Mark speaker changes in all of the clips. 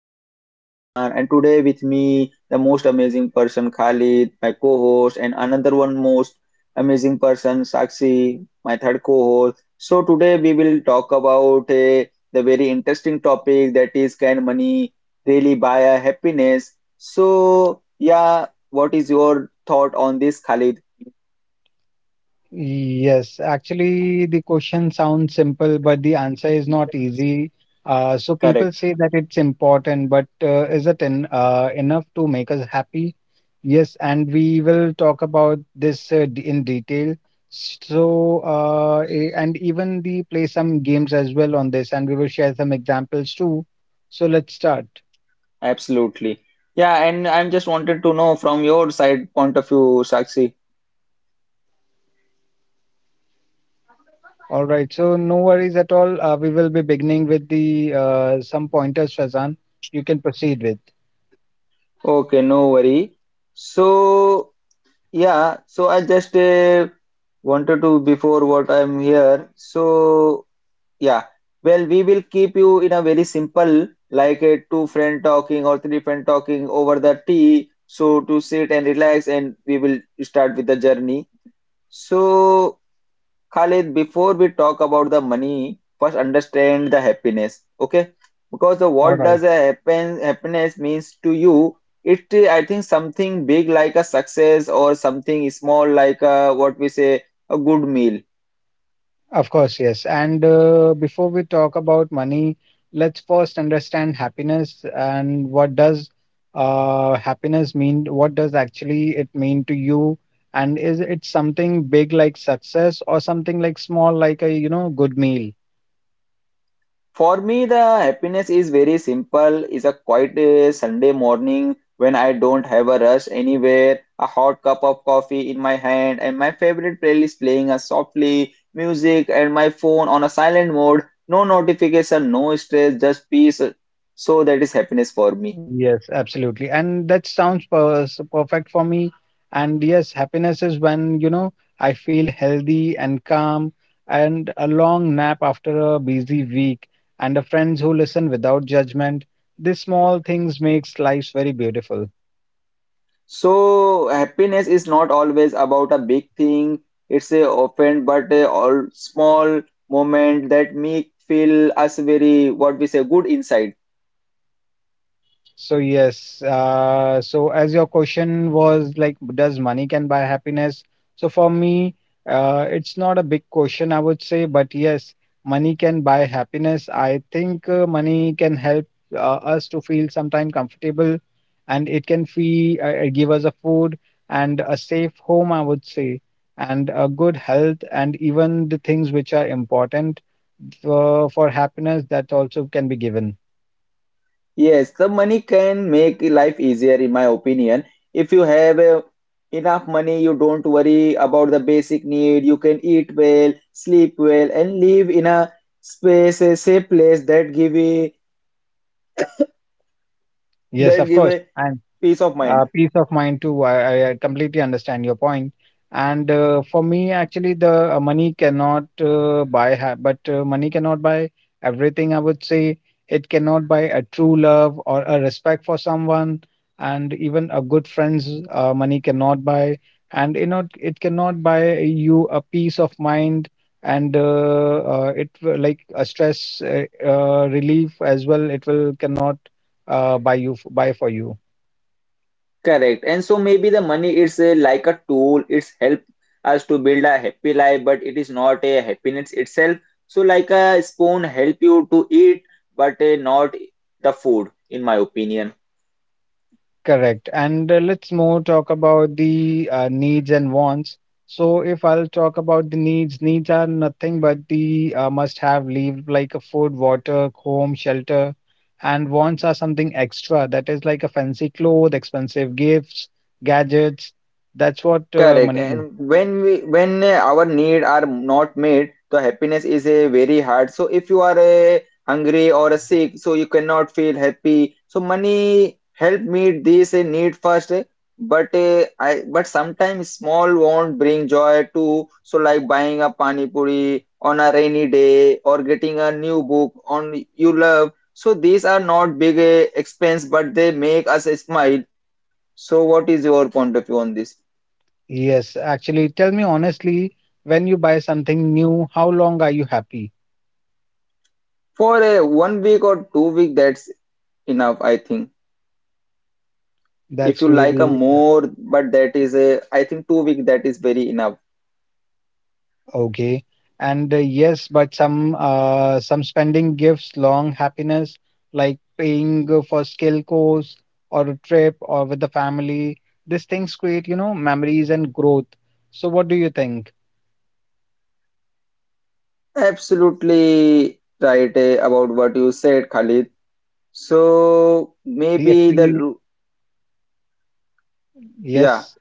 Speaker 1: your host Faizan, and today with me the most amazing person Khalid, my co-host, and another one most amazing person Sakshi, my third co-host. So today we will talk about the very interesting topic, that is, can money really buy a happiness? So yeah, what is your thought on this, Khalid?
Speaker 2: Yes, actually, the question sounds simple, but the answer is not easy. So people
Speaker 1: Correct,
Speaker 2: say that it's important, but is it en enough to make us happy? Yes, and we will talk about this in detail. So, and even the play some games as well on this, and we will share some examples too. So let's start.
Speaker 1: absolutely. Yeah, and I'm just wanted to know from your side point of view, Sakshi.
Speaker 2: All right. So no worries at all. We will be beginning with the some pointers, Fazan. You can proceed with.
Speaker 1: Okay, no worry. So, yeah, so I just wanted to before what I'm here. So, yeah, well, we will keep you in a very simple, like a two friend talking or three friend talking over the tea. So to sit and relax, and we will start with the journey. So Khalid, before we talk about the money, first understand the happiness, okay? Because the
Speaker 2: All
Speaker 1: what
Speaker 2: right.
Speaker 1: does a happen happiness means to you? It I think something big like a success or something small like a, what we say a good meal.
Speaker 2: Of course, yes. And before we talk about money, let's first understand happiness and what does happiness mean? What does actually it mean to you? And is it something big like success or something like small like a good meal?
Speaker 1: For me, the happiness is very simple. It's a quiet Sunday morning when I don't have a rush anywhere, a hot cup of coffee in my hand, and my favorite playlist playing a softly music, and my phone on a silent mode. No notification, no stress, just peace. So that is happiness for me.
Speaker 2: Yes, absolutely. And that sounds so perfect for me. And yes, happiness is when, you know, I feel healthy and calm, and a long nap after a busy week, and a friends who listen without judgment. These small things makes life very beautiful.
Speaker 1: So happiness is not always about a big thing. It's a often but a all small moment that make feel us very what we say good inside.
Speaker 2: So yes, so as your question was like, does money can buy happiness? So for me, it's not a big question, I would say, but yes, money can buy happiness. I think money can help us to feel sometime comfortable, and it can fee give us a food and a safe home, I would say, and a good health, and even the things which are important for happiness that also can be given.
Speaker 1: Yes, the money can make life easier, in my opinion. If you have enough money, you don't worry about the basic need. You can eat well, sleep well, and live in a space, a safe place that give a,
Speaker 2: Yes,
Speaker 1: that
Speaker 2: of
Speaker 1: give
Speaker 2: course.
Speaker 1: a
Speaker 2: And
Speaker 1: peace of mind.
Speaker 2: peace of mind too. I completely understand your point. And for me, actually, the money cannot buy, ha- but money cannot buy everything. I would say it cannot buy a true love or a respect for someone, and even a good friend's money cannot buy. And you know, it cannot buy you a peace of mind and like a stress relief as well. It will cannot buy for you.
Speaker 1: Correct. And so maybe the money is like a tool. It's help us to build a happy life, but it is not a happiness itself. So like a spoon help you to eat, but not the food, in my opinion.
Speaker 2: Correct. And let's more talk about the needs and wants. So if I'll talk about the needs, needs are nothing but the must-have leave like a food, water, home, shelter, and wants are something extra that is like a fancy clothes, expensive gifts, gadgets. That's what
Speaker 1: Correct.
Speaker 2: money is.
Speaker 1: And when our need are not met, the happiness is a very hard. So if you are hungry or sick, so you cannot feel happy. So money help meet this need first. But I but sometimes small won't bring joy too. So like buying a pani puri on a rainy day or getting a new book on you love. So these are not big expense, but they make us smile. So what is your point of view on this?
Speaker 2: Yes, actually, tell me honestly, when you buy something new, how long are you happy?
Speaker 1: For a one week or 2 week, that's enough, I think. If
Speaker 2: That's
Speaker 1: you like a
Speaker 2: really
Speaker 1: more, but that is a, I think 2 week that is very enough.
Speaker 2: Okay. And yes, but some spending gives long happiness, like paying for skill course or a trip or with the family. These things create, you know, memories and growth. So what do you think?
Speaker 1: Absolutely right about what you said, Khalid. So
Speaker 2: The
Speaker 1: maybe
Speaker 2: actually
Speaker 1: yeah.
Speaker 2: yes,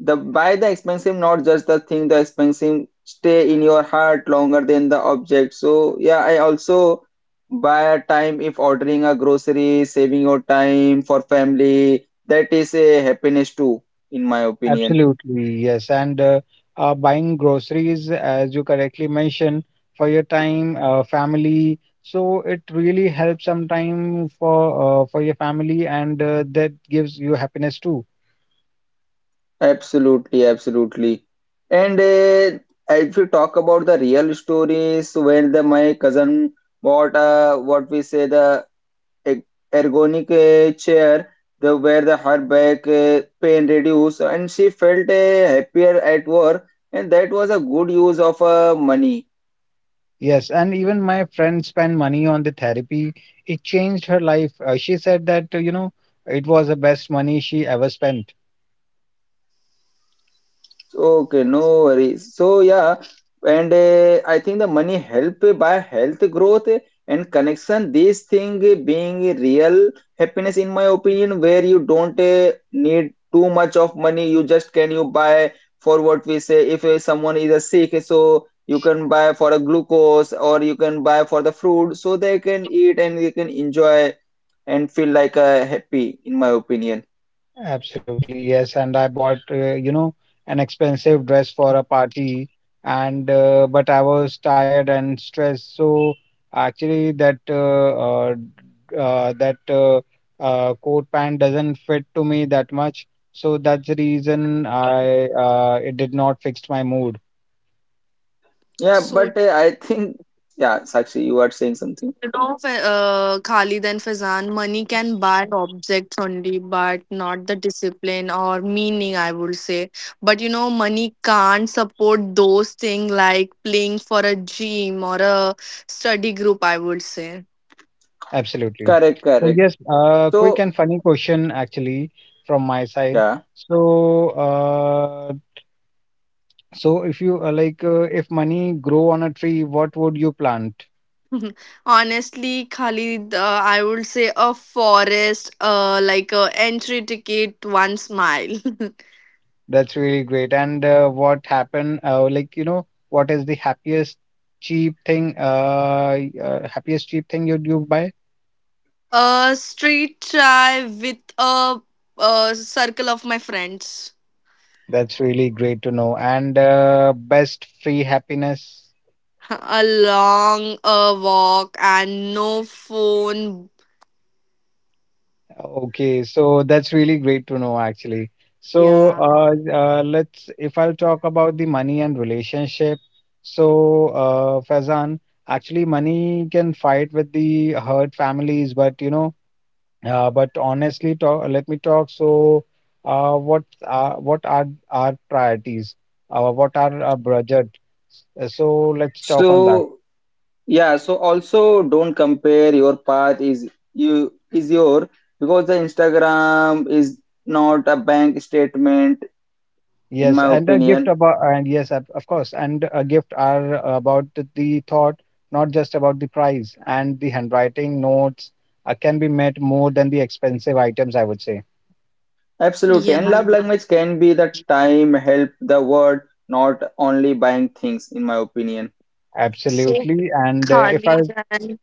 Speaker 1: The buy the expensive, not just the thing. The expensive stay in your heart longer than the object. So yeah, I also buy a time if ordering a grocery, saving your time for family. That is a happiness too, in my opinion.
Speaker 2: absolutely, yes. And buying groceries, as you correctly mentioned, for your time, family. So it really helps sometime for your family, and that gives you happiness too.
Speaker 1: Absolutely, absolutely. And if you talk about the real stories, when the my cousin bought what we say the e- ergonic chair the, where the her back pain reduced and she felt happier at work, and that was a good use of money.
Speaker 2: Yes, and even my friend spent money on the therapy. It changed her life. She said that, you know, it was the best money she ever spent.
Speaker 1: Okay, no worries. So yeah, and I think the money help by health, growth and connection. These thing being real happiness, in my opinion, where you don't need too much of money. You just can you buy for what we say. If someone is a sick, so you can buy for a glucose or you can buy for the food, so they can eat and they can enjoy and feel like happy. In my opinion,
Speaker 2: Absolutely, yes. And I bought, you know, an expensive dress for a party, and but I was tired and stressed. So actually, that coat pant doesn't fit to me that much. So that's the reason I it did not fix my mood.
Speaker 1: yeah.
Speaker 3: So
Speaker 1: But I think yeah, Sakshi, you are saying something.
Speaker 3: instead of Khalid and Fazan, money can buy objects only, but not the discipline or meaning, I would say. But you know, money can't support those things like playing for a gym or a study group, I would say.
Speaker 2: Absolutely.
Speaker 1: Correct,
Speaker 2: So
Speaker 1: correct.
Speaker 2: yes, quick
Speaker 1: So,
Speaker 2: and funny question actually from my side.
Speaker 1: yeah.
Speaker 2: So, so if you like, if money grow on a tree, what would you plant?
Speaker 3: Honestly, Khalid, I would say a forest, like a entry ticket, one smile.
Speaker 2: That's really great. And what happened? Like, you know, what is the happiest cheap thing? Happiest cheap thing you buy?
Speaker 3: A street try with a circle of my friends.
Speaker 2: That's really great to know. And best free happiness.
Speaker 3: A long a walk and no phone.
Speaker 2: Okay, so that's really great to know actually. So
Speaker 3: Yeah,
Speaker 2: let's, if I'll talk about the money and relationship. So Faizan, actually money can fight with the hurt families, but you know, but honestly, talk, let me talk. So what are our priorities? What are our budget? So let's talk on that.
Speaker 1: So, yeah, so also don't compare your path is you is your, because the Instagram is not a bank statement, in
Speaker 2: Yes,
Speaker 1: my
Speaker 2: and a gift
Speaker 1: opinion.
Speaker 2: about, and yes, of course, and a gift are about the thought, not just about the price. And the handwriting notes can be met more than the expensive items, I would say.
Speaker 1: Absolutely.
Speaker 3: yeah.
Speaker 1: And love
Speaker 3: Yeah.
Speaker 1: language can be the time, help, the word, not only buying things, in my opinion.
Speaker 3: So
Speaker 2: Absolutely. And if I,
Speaker 3: Khalid and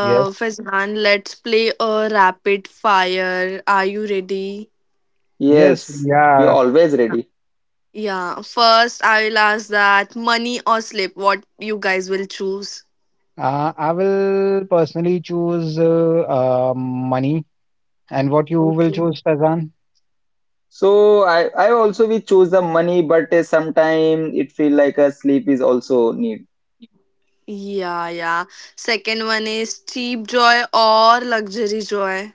Speaker 2: yes,
Speaker 3: Fazan, let's play a rapid fire. Are you ready?
Speaker 2: yes,
Speaker 1: Yes,
Speaker 2: we
Speaker 1: we are
Speaker 2: are.
Speaker 1: always ready.
Speaker 3: Yeah. First, I will ask that money or sleep. What you guys will choose?
Speaker 2: I will personally choose money. And what you will
Speaker 3: Okay.
Speaker 2: choose, Fazan?
Speaker 1: So I also we choose the money, but sometime it feel like a sleep is also need.
Speaker 3: Yeah, yeah. Second one is cheap joy or luxury joy.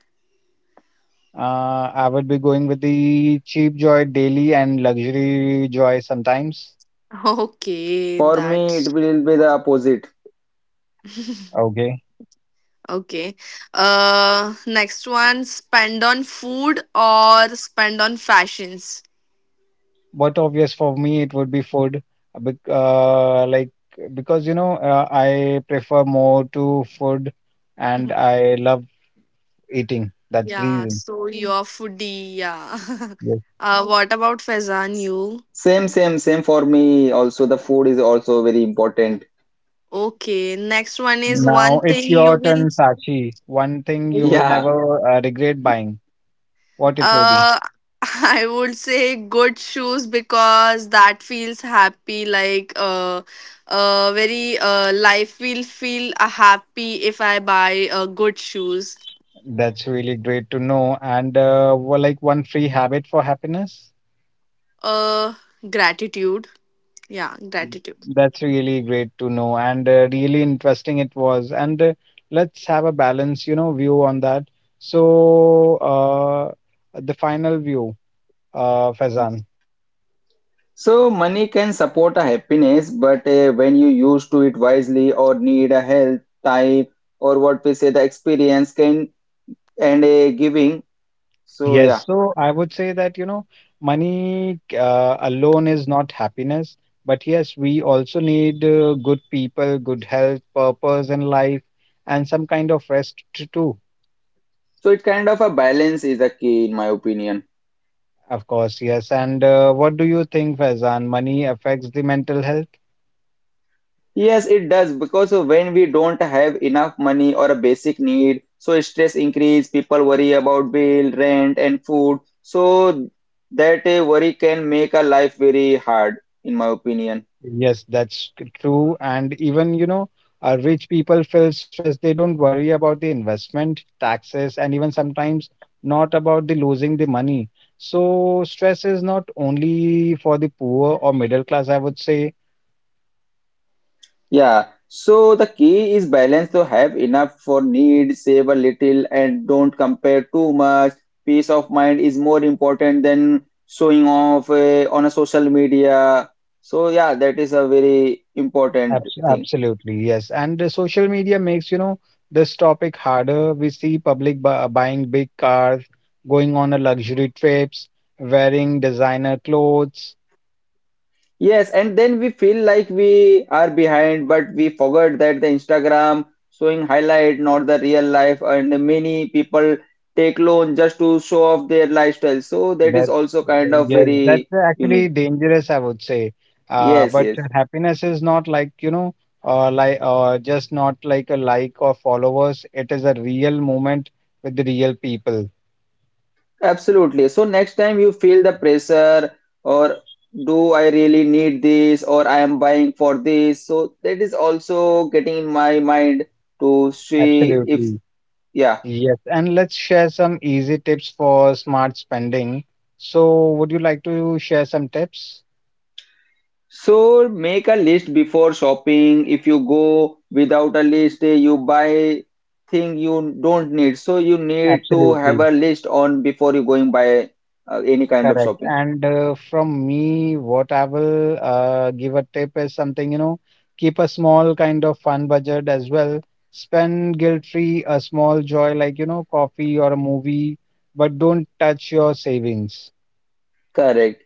Speaker 2: I would be going with the cheap joy daily and luxury joy sometimes.
Speaker 3: Okay,
Speaker 1: For me,
Speaker 3: that's
Speaker 1: it will be the opposite.
Speaker 2: Okay.
Speaker 3: okay. Next one, spend on food or spend on fashions.
Speaker 2: But obvious for me, it would be food. Like because you know, I prefer more to food, and I love eating. That's the
Speaker 3: Yeah,
Speaker 2: reason.
Speaker 3: so you're foodie, yeah.
Speaker 2: Yes.
Speaker 3: What about Faizan, you?
Speaker 1: Same, same, same for me. Also, the food is also very important.
Speaker 3: Okay, next one is
Speaker 2: Now
Speaker 3: one
Speaker 2: it's
Speaker 3: thing you
Speaker 2: your
Speaker 3: will.
Speaker 2: turn, Sachi. One thing you will
Speaker 3: Okay.
Speaker 1: Yeah.
Speaker 2: never regret buying. What it will be?
Speaker 3: Uh, I would say good shoes because that feels happy. Like very life will feel happy if I buy good shoes.
Speaker 2: That's really great to know. And well, like one free habit for happiness.
Speaker 3: Uh, gratitude. Yeah, gratitude.
Speaker 2: That's really great to know and really interesting it was. And let's have a balance, you know, view on that. So, the final view, Fazan.
Speaker 1: So money can support a happiness, but when you use to it wisely or need a health type or what we say the experience can and a giving. So
Speaker 2: Yes,
Speaker 1: yeah.
Speaker 2: so I would say that, you know, money alone is not happiness, but yes, we also need good people, good health, purpose in life, and some kind of rest too,
Speaker 1: So it kind of a balance is the key, in my opinion.
Speaker 2: of course, yes. And what do you think, Fazan? Money affects the mental health?
Speaker 1: Yes, it does, because when we don't have enough money or a basic need, so stress increase, people worry about bill, rent, and food. So that worry can make a life very hard, in my opinion.
Speaker 2: Yes, that's true. And even, you know, rich people feel stressed. They don't worry about the investment, taxes, and even sometimes not about the losing the money. So stress is not only for the poor or middle class, I would say.
Speaker 1: Yeah. So the key is balance, to have enough for need, save a little, and don't compare too much. Peace of mind is more important than showing off on a social media. So yeah, that is a very important thing.
Speaker 2: Absolutely, yes. And social media makes, you know, this topic harder. We see public bu buying big cars, going on a luxury trips, wearing designer clothes.
Speaker 1: Yes, and then we feel like we are behind, but we forgot that the Instagram showing highlight, not the real life, and many people take loan just to show off their lifestyle. So that is
Speaker 2: That's
Speaker 1: also kind of
Speaker 2: yes,
Speaker 1: very
Speaker 2: that's actually
Speaker 1: unique.
Speaker 2: dangerous, I would say.
Speaker 1: Yes,
Speaker 2: But
Speaker 1: yes,
Speaker 2: happiness is not like, you know, like just not like a or followers. It is a real moment with the real people.
Speaker 1: absolutely. So next time you feel the pressure, or do I really need this, or I am buying for this. So that is also getting in my mind to see if,
Speaker 2: Absolutely.
Speaker 1: yeah.
Speaker 2: Yes. And let's share some easy tips for smart spending. So, would you like to share some tips?
Speaker 1: So make a list before shopping. If you go without a list, you buy thing you don't need. So you need to have
Speaker 2: Absolutely.
Speaker 1: a list on before you going buy any kind of
Speaker 2: Correct.
Speaker 1: shopping.
Speaker 2: And from me, what I will give a tip is something, you know, keep a small kind of fun budget as well. Spend guilt-free a small joy like, you know, coffee or a movie, but don't touch your savings.
Speaker 1: Correct.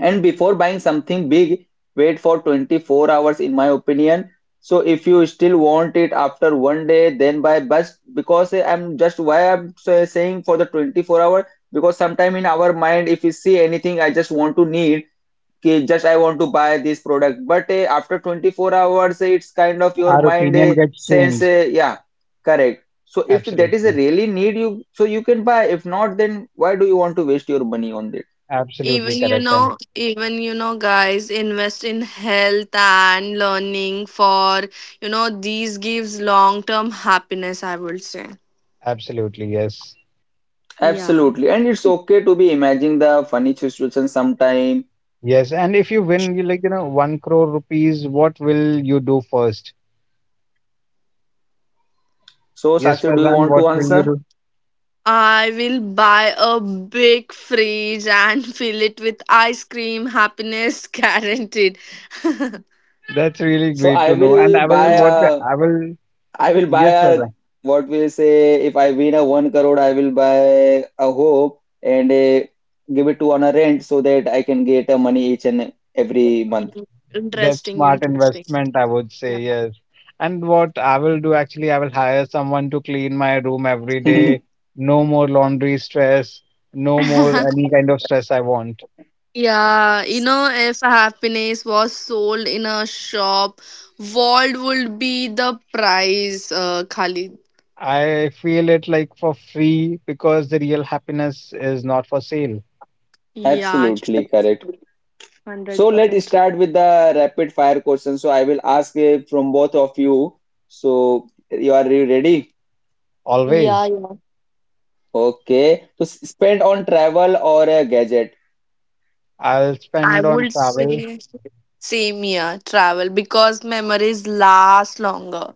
Speaker 1: And before buying something big, wait for 24 hours, in my opinion. So if you still want it after one day, then buy. But because I'm just why I'm saying for the 24 hour, because sometime in our mind, if we see anything, I just want to need कि just I want to buy this product. But after 24 hours, it's kind of your
Speaker 2: Our
Speaker 1: mind
Speaker 2: opinion gets
Speaker 1: sense,
Speaker 2: changed.
Speaker 1: yeah, correct. So if that is a
Speaker 2: Absolutely.
Speaker 1: really need you, so you can buy. If not, then why do you want to waste your money on it?
Speaker 2: Absolutely correct. And
Speaker 3: Even you know, guys, invest in health and learning for you know, these gives long term happiness, I would say.
Speaker 2: absolutely, yes.
Speaker 3: Yeah.
Speaker 1: Absolutely. And it's okay to be imagining the funny situation sometime.
Speaker 2: Yes. And if you win, you like, you know, one crore rupees, what will you do first?
Speaker 1: So
Speaker 2: Yes,
Speaker 1: Sakshi, do you
Speaker 2: Faizan,
Speaker 1: want
Speaker 2: what
Speaker 1: to
Speaker 2: will you
Speaker 1: answer?
Speaker 2: do?
Speaker 3: I will buy a big fridge and fill it with ice cream, happiness guaranteed.
Speaker 2: That's really
Speaker 1: So
Speaker 2: great
Speaker 1: I
Speaker 2: to know. And
Speaker 1: will
Speaker 2: I will
Speaker 1: buy
Speaker 2: what
Speaker 1: a
Speaker 2: I will
Speaker 1: I will buy
Speaker 2: Yes,
Speaker 1: a
Speaker 2: Vaibhav.
Speaker 1: what we'll say if I win a one crore, I will buy a home and a, give it to on a rent so that I can get a money each and every month.
Speaker 3: Mm,
Speaker 2: That's
Speaker 3: interesting,
Speaker 2: smart
Speaker 3: interesting.
Speaker 2: investment, I would say, yes. And what I will do actually, I will hire someone to clean my room every day. No more laundry stress, no more
Speaker 3: Yeah.
Speaker 2: any kind of stress I want.
Speaker 3: Yeah, you know, if happiness was sold in a shop, what would be the price, Khalid?
Speaker 2: I feel it like for free because the real happiness is not for sale
Speaker 3: Yeah,
Speaker 1: Absolutely
Speaker 3: actually,
Speaker 1: correct. So let's
Speaker 3: 100% true.
Speaker 1: start with the rapid fire question. So I will ask from both of you. So you are you ready?
Speaker 3: Yeah,
Speaker 2: always.
Speaker 3: yeah.
Speaker 1: Okay. So spend on travel or a gadget.
Speaker 2: I'll
Speaker 3: I
Speaker 2: spend on
Speaker 3: would
Speaker 2: travel,
Speaker 3: say same year travel because memories last longer.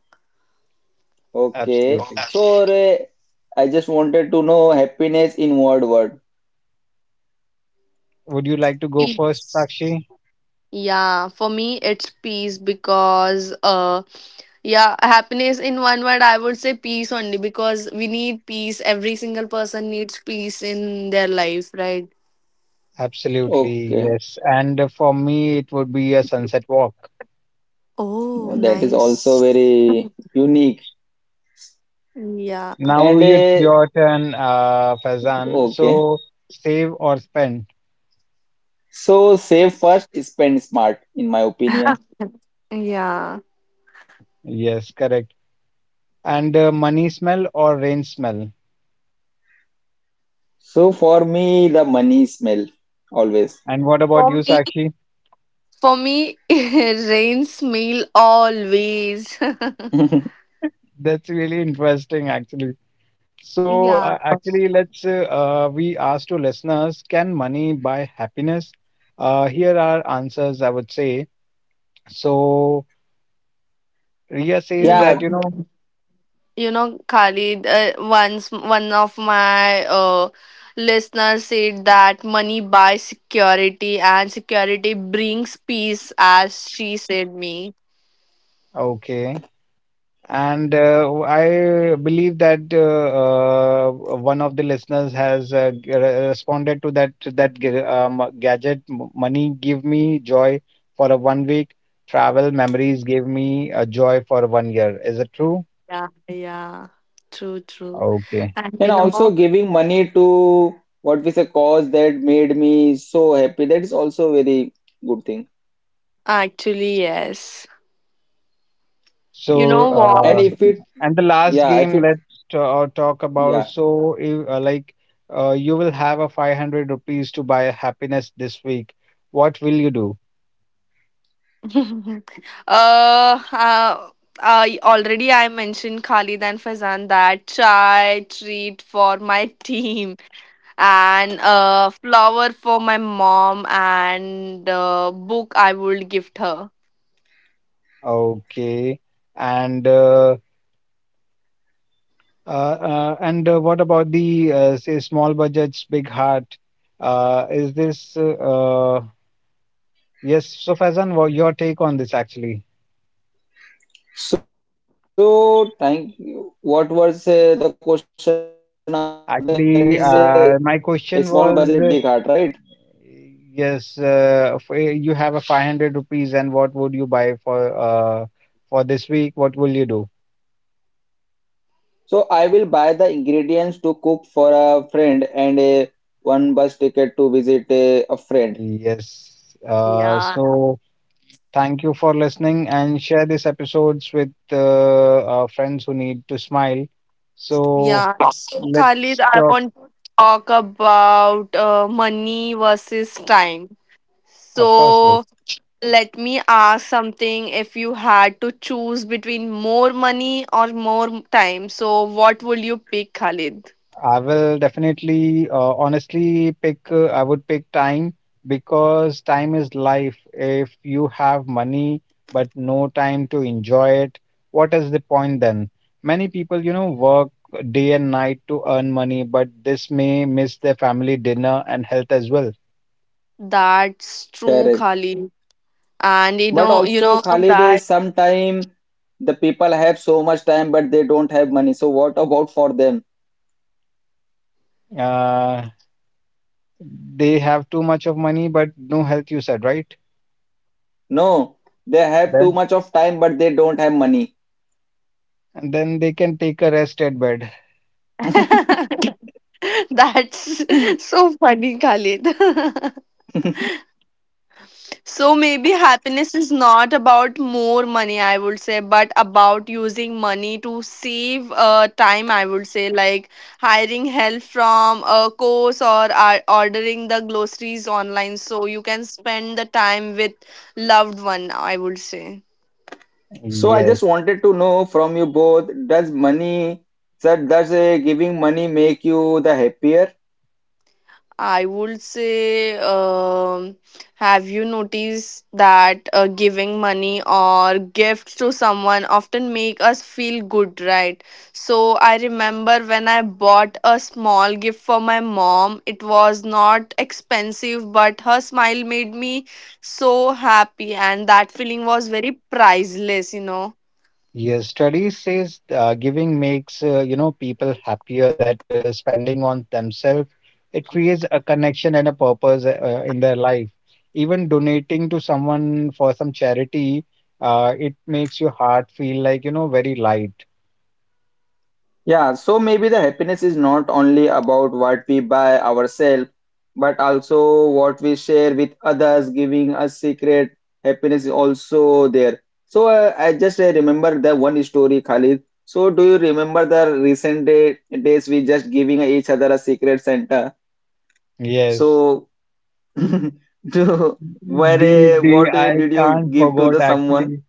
Speaker 1: Okay.
Speaker 2: absolutely.
Speaker 1: So I just wanted to know happiness in what word?
Speaker 2: Would you like to go first,
Speaker 3: Peace.
Speaker 2: Sakshi?
Speaker 3: Yeah, for me it's peace because yeah, happiness in one word I would say peace only because we need peace. Every single person needs peace in their life, right?
Speaker 2: Absolutely,
Speaker 1: Okay.
Speaker 2: yes. And for me, it would be a sunset walk.
Speaker 3: Oh,
Speaker 1: That is also
Speaker 3: nice.
Speaker 1: very unique.
Speaker 3: Yeah.
Speaker 2: Now
Speaker 1: And
Speaker 2: it's your turn, Faizan.
Speaker 1: okay,
Speaker 2: So save or spend?
Speaker 1: so save first, spend smart, in my
Speaker 3: uh,
Speaker 1: opinion.
Speaker 3: yeah.
Speaker 2: Yes, correct. And money smell or rain smell?
Speaker 1: So for me, the money smell always.
Speaker 2: And what about you,
Speaker 3: For me,
Speaker 2: Sakshi?
Speaker 3: For me, rains meal always.
Speaker 2: That's really interesting, actually. So
Speaker 3: Yeah,
Speaker 2: actually, let's we asked to listeners, can money buy happiness? Here are answers, I would say. So Ria
Speaker 3: you
Speaker 2: says
Speaker 3: know,
Speaker 2: that
Speaker 1: Yeah,
Speaker 2: you know,
Speaker 3: you know, Khalid, once one of my listeners said that money buys security and security brings peace, as she said me.
Speaker 2: okay. And I believe that one of the listeners has responded to that that gadget money give me joy for a 1 week, travel memories gave me a joy for 1 year. Is it true?
Speaker 3: Yeah, yeah, true, true.
Speaker 2: Okay.
Speaker 3: And
Speaker 1: and
Speaker 3: you
Speaker 1: also
Speaker 3: know,
Speaker 1: giving money to what is a cause that made me so happy. That is also very good thing.
Speaker 3: actually, yes. You
Speaker 2: So,
Speaker 3: know what?
Speaker 1: And if
Speaker 2: uh,
Speaker 1: it,
Speaker 2: and the last
Speaker 1: yeah, if
Speaker 2: game,
Speaker 1: it,
Speaker 2: let's talk about.
Speaker 1: yeah.
Speaker 2: So, like, you will have a 500 rupees to buy happiness this week. What will you do?
Speaker 3: uh, uh, I already I mentioned Khalid and Fazan that chai treat for my team and flower for my mom and book I would gift her.
Speaker 2: Okay. And uh, Uh, and what about the say small budgets, big heart? Is this yes? So Faizan, what your take on this actually?
Speaker 1: So thank you. What was the question about the? That is a
Speaker 2: Actually,
Speaker 1: small budget, big
Speaker 2: my
Speaker 1: heart, right?
Speaker 2: question was yes. You have a 500 rupees, and what would you buy for this week? What will you do?
Speaker 1: So I will buy the ingredients to cook for a friend and a one bus ticket to visit a friend.
Speaker 2: Yes.
Speaker 3: Yeah,
Speaker 2: Thank you for listening and share these episodes with friends who need to smile. So
Speaker 3: yeah. Khalid,
Speaker 2: let's
Speaker 3: I
Speaker 2: talk.
Speaker 3: want to talk about money versus time.
Speaker 2: Of course, yes.
Speaker 3: So let me ask something. If you had to choose between more money or more time, so what would you pick, Khalid?
Speaker 2: I will definitely, honestly pick. I would pick time because time is life. If you have money but no time to enjoy it, what is the point then? Many people, you know, work day and night to earn money, but this may miss their family dinner and health as well.
Speaker 3: That's true,
Speaker 1: Correct.
Speaker 3: Khalid. And
Speaker 1: But
Speaker 3: you
Speaker 1: also,
Speaker 3: know
Speaker 1: Khalid, is
Speaker 3: that
Speaker 1: sometime the people have so much time, but they don't have money. So what about for them?
Speaker 2: Uh, They have too much of money, but no health, you said, right?
Speaker 1: No, they have too
Speaker 2: Then,
Speaker 1: much of time, but they don't have money.
Speaker 2: and then they can take a rest at bed.
Speaker 3: that's so funny, Khalid. So maybe happiness is not about more money, I would say, but about using money to save time, I would say, like hiring help from a course or ordering the groceries online so you can spend the time with loved one, I would say.
Speaker 1: So I
Speaker 2: Yes,
Speaker 1: just wanted to know from you both, does giving money make you the happier?
Speaker 3: I would say, have you noticed that giving money or gifts to someone often make us feel good, right? So I remember when I bought a small gift for my mom, it was not expensive, but her smile made me so happy, and that feeling was very priceless, you know.
Speaker 2: yes. Studies says giving makes people happier that spending on themselves. It creates a connection and a purpose in their life. Even donating to someone for some charity, it makes your heart feel like very light.
Speaker 1: Yeah, so maybe the happiness is not only about what we buy ourselves, but also what we share with others, giving us secret happiness is also there. So I just remember the one story, Khalid. So do you remember the recent days we just giving each other a secret Santa?
Speaker 2: Yes.
Speaker 1: So to
Speaker 2: The
Speaker 1: where
Speaker 2: the
Speaker 1: what
Speaker 2: I
Speaker 1: did you
Speaker 2: can't
Speaker 1: give to the
Speaker 2: forget
Speaker 1: someone?
Speaker 2: actually.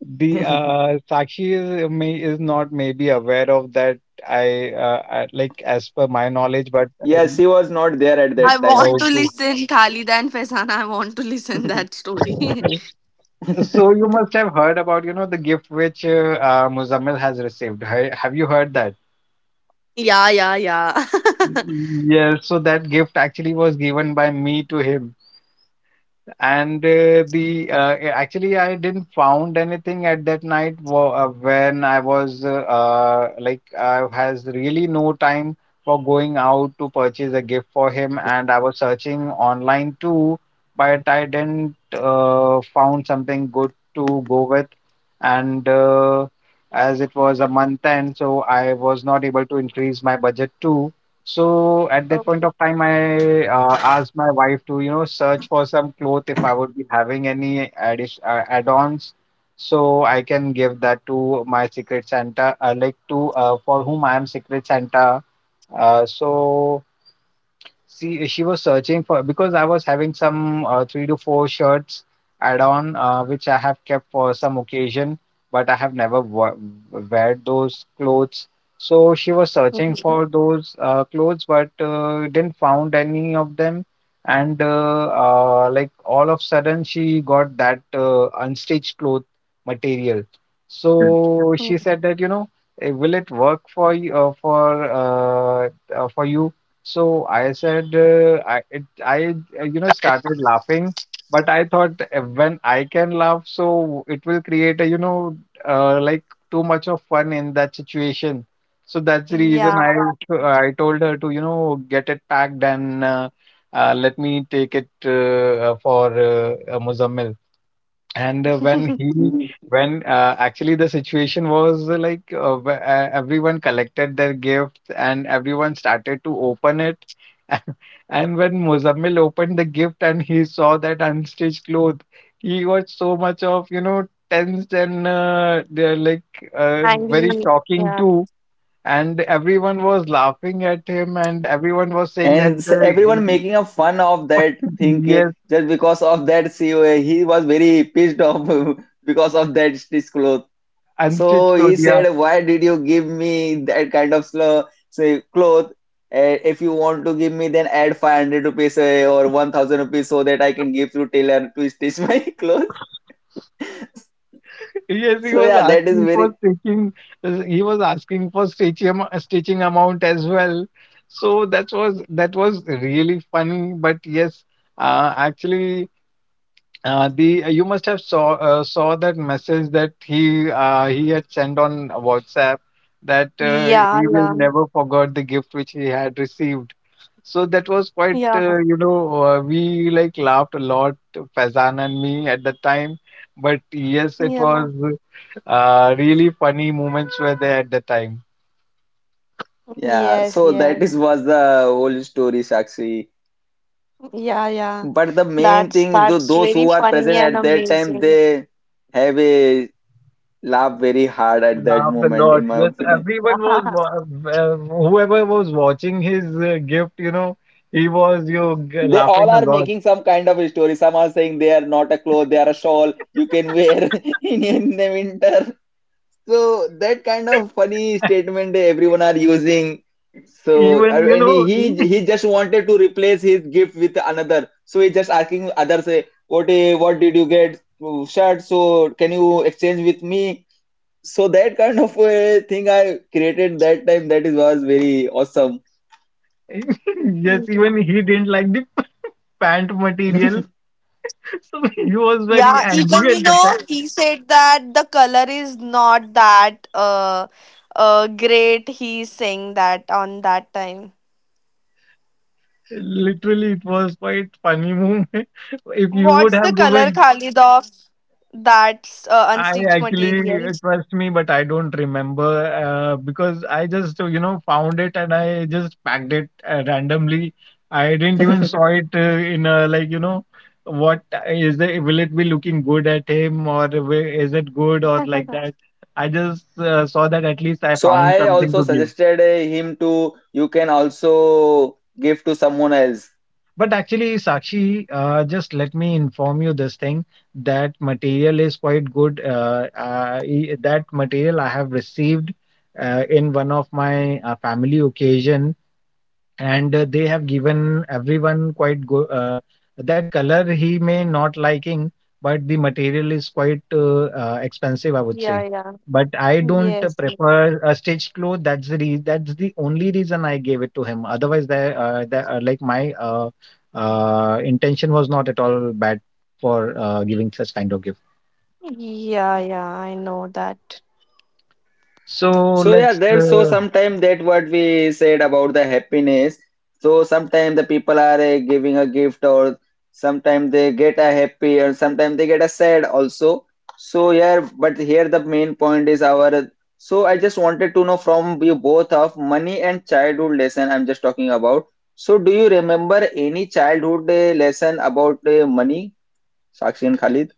Speaker 2: The Sakshi is may is not maybe aware of that. Like as per my
Speaker 1: Yeah,
Speaker 2: knowledge,
Speaker 1: she
Speaker 2: but
Speaker 1: was
Speaker 2: I,
Speaker 1: not there at that
Speaker 3: I want to
Speaker 2: okay.
Speaker 3: listen Khalida and Faizana. I want to
Speaker 1: time.
Speaker 3: listen that story.
Speaker 2: So you must have heard about the gift which Muzammil has received. Have you heard that?
Speaker 3: Yeah, yeah, yeah.
Speaker 2: Yes. So that gift actually was given by me to him. And actually, I didn't found anything at that night when I was like I has really no time for going out to purchase a gift for him, and I was searching online too, but I didn't found something good to go with. And as it was a month end, so I was not able to increase my budget too. So at that point of time, I asked my wife to, search for some clothes if I would be having any addish add-ons, so I can give that to my Secret Santa, like to for whom I am Secret Santa. So she was searching for because I was having some three to four shirts add on which I have kept for some occasion, but I have never wear those clothes. So she was searching for those clothes, but didn't found any of them. And like all of sudden, she got that unstitched cloth material. So
Speaker 3: Mm,
Speaker 2: she said that will it work for you for you? So I said, I started laughing, but I thought when I can laugh, so it will create a like too much of fun in that situation. So that's the reason
Speaker 3: yeah.
Speaker 2: I told her to get it packed and let me take it for Muzammil. And when he, when actually the situation was everyone collected their gifts and everyone started to open it. And when Muzammil opened the gift and he saw that unstitched cloth, he was so much of, tensed and they're like very shocking too. And everyone was laughing at him and everyone was saying that,
Speaker 1: And everyone making a fun of that thing
Speaker 2: yes,
Speaker 1: just because of that CEO, he was very pissed off because of that stitch cloth.
Speaker 2: unstitched
Speaker 1: So
Speaker 2: cloth,
Speaker 1: he
Speaker 2: yeah.
Speaker 1: said, "Why did you give me that kind of slow, say cloth? If you want to give me, then add 500 rupees or 1,000 rupees so that I can give to tailor to stitch my clothes."
Speaker 2: Yes, he
Speaker 1: So
Speaker 2: was
Speaker 1: yeah, that is
Speaker 2: asking
Speaker 1: very
Speaker 2: for stitching. He was asking for stitching stitching amount as well. So that was really funny. But yes, actually, the you must have saw that message that he had sent on WhatsApp that
Speaker 3: Yeah,
Speaker 2: he will
Speaker 3: yeah.
Speaker 2: never forget the gift which he had received. So that was quite,
Speaker 3: Yeah,
Speaker 2: we like laughed a lot, Faizan and me at the time. But yes, it
Speaker 3: yeah.
Speaker 2: was really funny moments were there at the time.
Speaker 1: yeah.
Speaker 3: Yes,
Speaker 1: So that
Speaker 3: yes.
Speaker 1: is was the whole story, Sakshi.
Speaker 3: Yeah, yeah.
Speaker 1: But the main
Speaker 3: That's
Speaker 1: thing,
Speaker 3: that's
Speaker 1: those
Speaker 3: very
Speaker 1: who are present
Speaker 3: funny and
Speaker 1: at that time,
Speaker 3: amazing.
Speaker 1: they have a laugh very hard at that
Speaker 2: Laughed a
Speaker 1: moment,
Speaker 2: lot.
Speaker 1: in my
Speaker 2: Yes,
Speaker 1: opinion.
Speaker 3: Yeah.
Speaker 2: everyone was whoever was watching his gift, he was
Speaker 1: They all
Speaker 2: laughing a
Speaker 1: are
Speaker 2: lot.
Speaker 1: making some kind of a story. Some are saying they are not a cloth, they are a shawl you can wear in the winter. So that kind of funny statement everyone are using. So,
Speaker 2: Even
Speaker 1: and he he he just wanted to replace his gift with another. So he just asking others, say what did you get? Shirt. So can you exchange with me? So that kind of a thing I created that time that is was very awesome.
Speaker 2: yes, even he didn't like the pant material, so he was very
Speaker 3: Yeah, even
Speaker 2: angry
Speaker 3: you
Speaker 2: at that.
Speaker 3: know, he said that the color is not that great. He's saying that on that time.
Speaker 2: Literally, it was quite funny moment. If you would
Speaker 3: What's
Speaker 2: have
Speaker 3: the color,
Speaker 2: given,
Speaker 3: Khalid, of that
Speaker 2: I
Speaker 3: unstitched material?
Speaker 2: actually trust me, but I don't remember because I just found it and I just packed it randomly. I didn't even saw it in a like what is it? Will it be looking good at him or is it good or like that? I just saw that at least I
Speaker 1: So
Speaker 2: found
Speaker 1: I
Speaker 2: something
Speaker 1: also
Speaker 2: to give.
Speaker 1: suggested him to you can also give to someone else.
Speaker 2: But actually, Sakshi, just let me inform you this thing that material is quite good. That material I have received in one of my family occasion and they have given everyone quite go that color he may not liking, but the material is quite expensive, I would say,
Speaker 3: Yeah, yeah.
Speaker 2: but I don't
Speaker 3: Yes. Yes.
Speaker 2: prefer a stitched cloth. That's the only reason I gave it to him. Otherwise, the like my intention was not at all bad for giving such kind of gift.
Speaker 3: Yeah, yeah, I know that.
Speaker 2: So
Speaker 1: So yeah,
Speaker 2: let's
Speaker 1: there's so sometime that what we said about the happiness. So sometimes the people are giving a gift or sometimes they get a happy or sometimes they get a sad also. So yeah, but here the main point is our. So I just wanted to know from you both of money and childhood lesson I'm just talking about. So do you remember any childhood lesson about money, Sakshi and Khalid?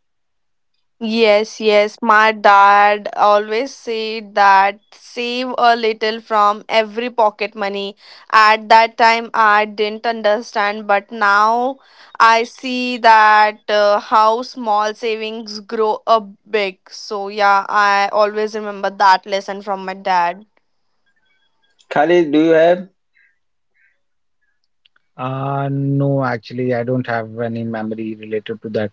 Speaker 3: Yes, yes, my dad always said that save a little from every pocket money. At that time, I didn't understand, but now I see that how small savings grow up big. So, yeah, I always remember that lesson from my dad.
Speaker 1: Khalid, do you have?
Speaker 2: no, actually I don't have any memory related to that.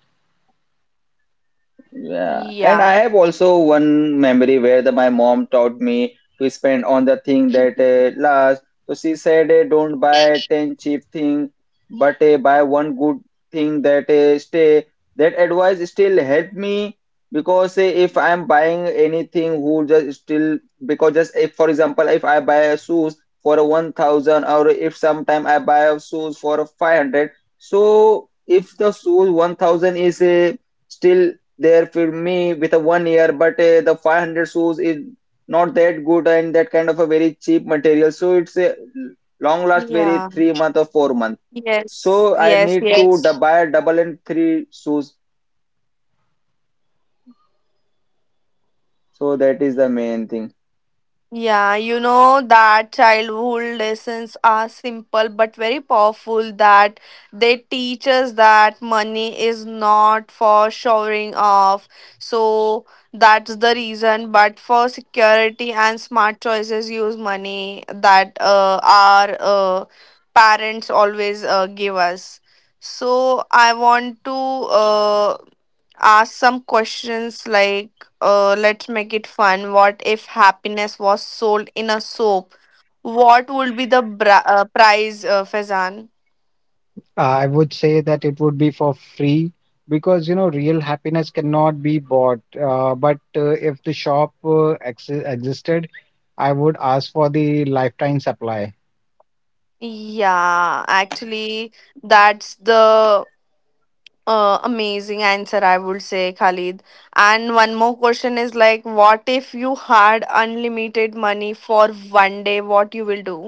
Speaker 1: Yeah, and
Speaker 3: Yeah,
Speaker 1: I have also one memory where my mom taught me to spend on the thing that lasts. So she said, "Don't buy 10 cheap thing, but buy one good thing that stay." That advice still helped me because if I'm buying anything, who just still because just if for example, if I buy a shoes for a 1,000, or if sometime I buy a shoes for a 500, so if the shoes 1,000 is a still there for me with a 1 year but the 500 shoes is not that good and that kind of a very cheap material, so it's a long last very
Speaker 3: yeah,
Speaker 1: 3 month or 4 month,
Speaker 3: yes,
Speaker 1: so I
Speaker 3: yes,
Speaker 1: need to
Speaker 3: yes.
Speaker 1: buy double and three shoes. So that is the main thing.
Speaker 3: Yeah, you know that childhood lessons are simple but very powerful that they teach us that money is not for showing off. So that's the reason, but for security and smart choices use money that our parents always give us. So I want to ask some questions like let's make it fun. What if happiness was sold in a soap, what would be the price, Fezan?
Speaker 2: I would say that it would be for free because real happiness cannot be bought. But if the shop ex existed, I would ask for the lifetime supply.
Speaker 3: Yeah, actually, that's the amazing answer, I would say, Khalid. And one more question is like, what if you had unlimited money for one day, what you will do?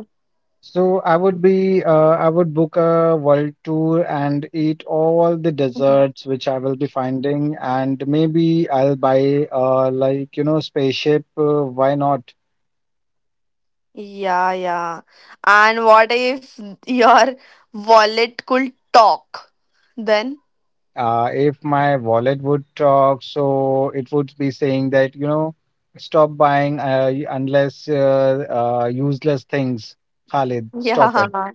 Speaker 2: So I would book a world tour and eat all the desserts which I will be finding, and maybe I'll buy like spaceship. Why not?
Speaker 3: Yeah, yeah. And what if your wallet could talk? Then,
Speaker 2: If my wallet would talk, so it would be saying that, stop buying unless useless things, Khalid, stop it.
Speaker 3: yeah,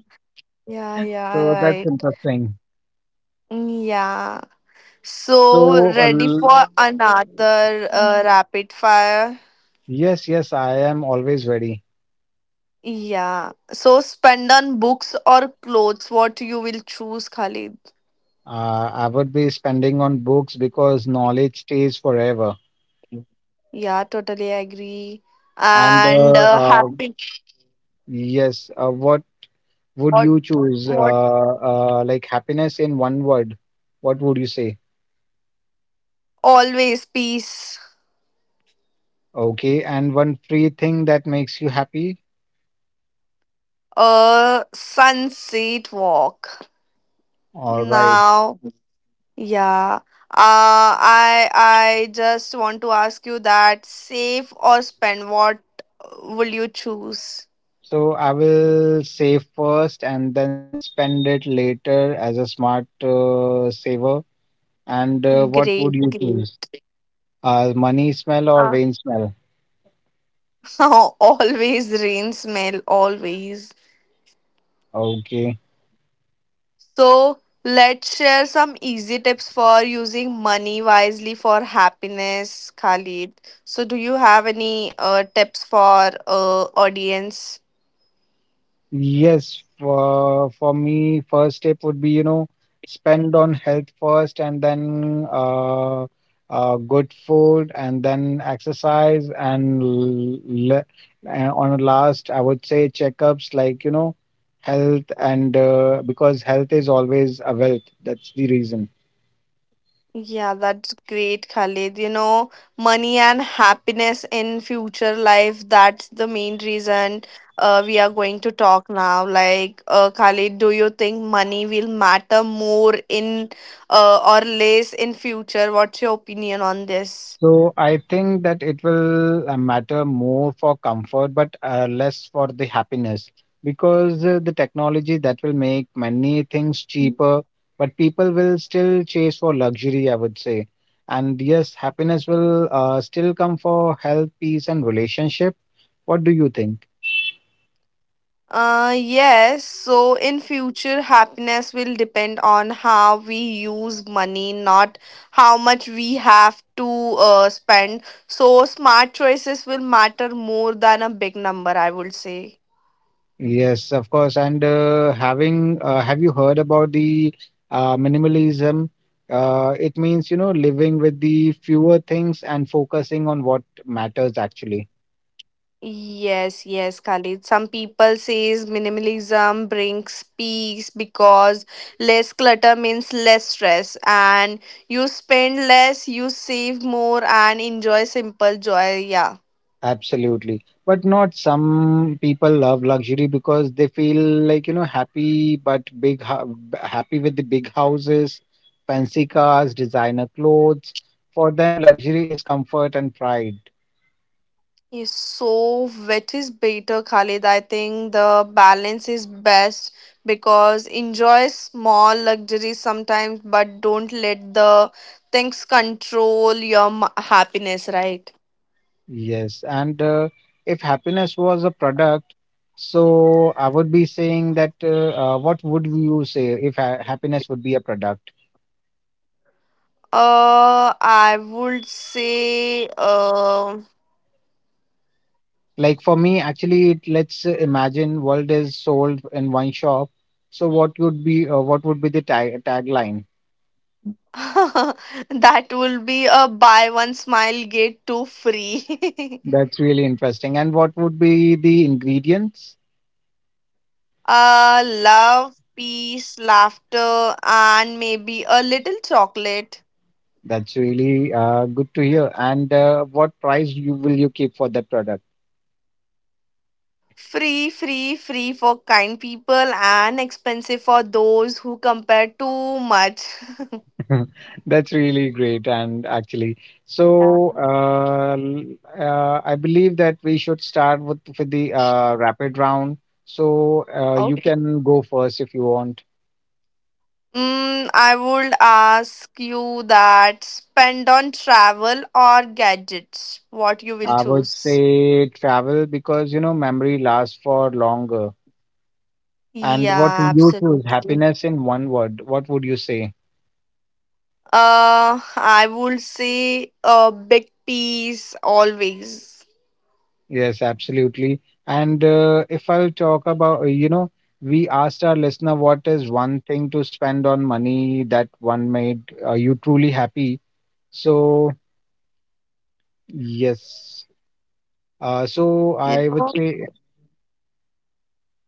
Speaker 3: yeah, yeah,
Speaker 2: So that's
Speaker 3: right.
Speaker 2: interesting.
Speaker 3: Yeah.
Speaker 2: So,
Speaker 3: So,
Speaker 2: uh,
Speaker 3: ready
Speaker 2: l-
Speaker 3: for another rapid fire?
Speaker 2: yes, yes, I am always ready.
Speaker 3: Yeah. So, spend on books or clothes, what you will choose, Khalid?
Speaker 2: I would be spending on books because knowledge stays forever.
Speaker 3: Yeah, totally agree.
Speaker 2: And uh,
Speaker 3: And
Speaker 2: uh,
Speaker 3: happy.
Speaker 2: yes, what would
Speaker 3: What?
Speaker 2: you choose?
Speaker 3: What?
Speaker 2: Like, happiness in one word, what would you say?
Speaker 3: Always peace.
Speaker 2: Okay, and one free thing that makes you happy?
Speaker 3: A sunset walk.
Speaker 2: All right.
Speaker 3: Now, yeah. I just want to ask you that save or spend, what will you choose?
Speaker 2: So I will save first and then spend it later as a smart saver. And what would
Speaker 3: Great,
Speaker 2: you
Speaker 3: great.
Speaker 2: choose? Money smell or
Speaker 3: Uh,
Speaker 2: rain smell?
Speaker 3: always rain smell, always.
Speaker 2: Okay.
Speaker 3: So let's share some easy tips for using money wisely for happiness, Khalid. So do you have any tips for audience?
Speaker 2: Yes, for me, first step would be, spend on health first and then good food and then exercise and and on last, I would say checkups like, health and because health is always a wealth. That's the reason.
Speaker 3: Yeah, that's great, Khalid. You know, money and happiness in future life, that's the main reason we are going to talk now. Like, Khalid, do you think money will matter more in or less in future? What's your opinion on this?
Speaker 2: So I think that it will matter more for comfort, but less for the happiness, because the technology that will make many things cheaper, but people will still chase for luxury, I would say. And yes, happiness will still come for health, peace, and relationship. What do you think?
Speaker 3: Yes, so in future, happiness will depend on how we use money, not how much we have to spend. So, smart choices will matter more than a big number, I would say.
Speaker 2: Yes, of course. And having Have you heard about the minimalism? It means, living with the fewer things and focusing on what matters actually.
Speaker 3: Yes, yes, Khalid. Some people says minimalism brings peace because less clutter means less stress and you spend less, you save more and enjoy simple joy. Yeah.
Speaker 2: Absolutely. But not some people love luxury because they feel like, happy but happy with the big houses, fancy cars, designer clothes. For them, luxury is comfort and pride.
Speaker 3: Yes, so wet is better, Khalid? I think the balance is best because enjoy small luxuries sometimes, but don't let the things control your happiness, right?
Speaker 2: Yes, and if happiness was a product, so I would be saying that what would you say if ha happiness would be a product?
Speaker 3: I would say
Speaker 2: Like for me, actually, it, let's imagine world is sold in one shop. So what would be the tagline?
Speaker 3: that will be a buy one smile get two free.
Speaker 2: That's really interesting. And what would be the ingredients?
Speaker 3: Love, peace, laughter, and maybe a little chocolate.
Speaker 2: That's really good to hear. And what price you will you keep for that product?
Speaker 3: Free, free, free for kind people and expensive for those who compare too much.
Speaker 2: That's really great. And actually, so
Speaker 3: Yeah.
Speaker 2: uh, l- I believe that we should start with the rapid round. So you
Speaker 3: Okay.
Speaker 2: can go first if you want.
Speaker 3: Mm, I would ask you that spend on travel or gadgets, what you will
Speaker 2: I would
Speaker 3: choose.
Speaker 2: say travel because memory lasts for longer. And what
Speaker 3: Yeah,
Speaker 2: would you choose?
Speaker 3: absolutely.
Speaker 2: Happiness in one word. What would you say?
Speaker 3: I would say a big piece always.
Speaker 2: Yes, absolutely. And if I'll talk about, we asked our listener what is one thing to spend on money that one made you truly happy. So, yes. So
Speaker 3: You
Speaker 2: I would
Speaker 3: know?
Speaker 2: say,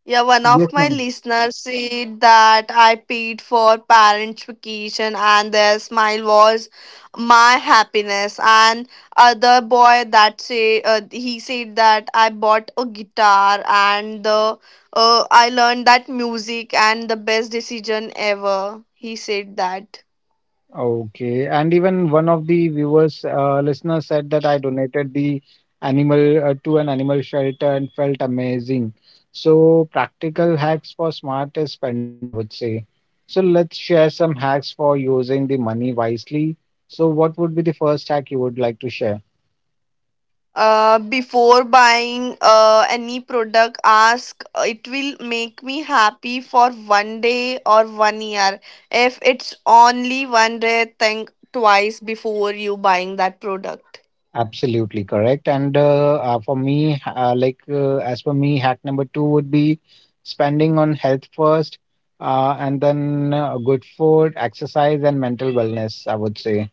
Speaker 3: Yeah, one
Speaker 2: yes,
Speaker 3: of my
Speaker 2: no.
Speaker 3: listeners said that I paid for parents' vacation and their smile was my happiness. And other boy that say he said that I bought a guitar and the I learned that music and the best decision ever. He said that.
Speaker 2: Okay. And even one of the viewers, listeners said that I donated the animal to an animal shelter and felt amazing. So, practical hacks for smarter spending, I would say. So, let's share some hacks for using the money wisely. So, what would be the first hack you would like to share?
Speaker 3: Before buying any product, ask it will make me happy for one day or one year. If it's only one day, think twice before you buying that product.
Speaker 2: Absolutely correct. And for me, as for me, hack number two would be spending on health first, and then good food, exercise, and mental wellness, I would say.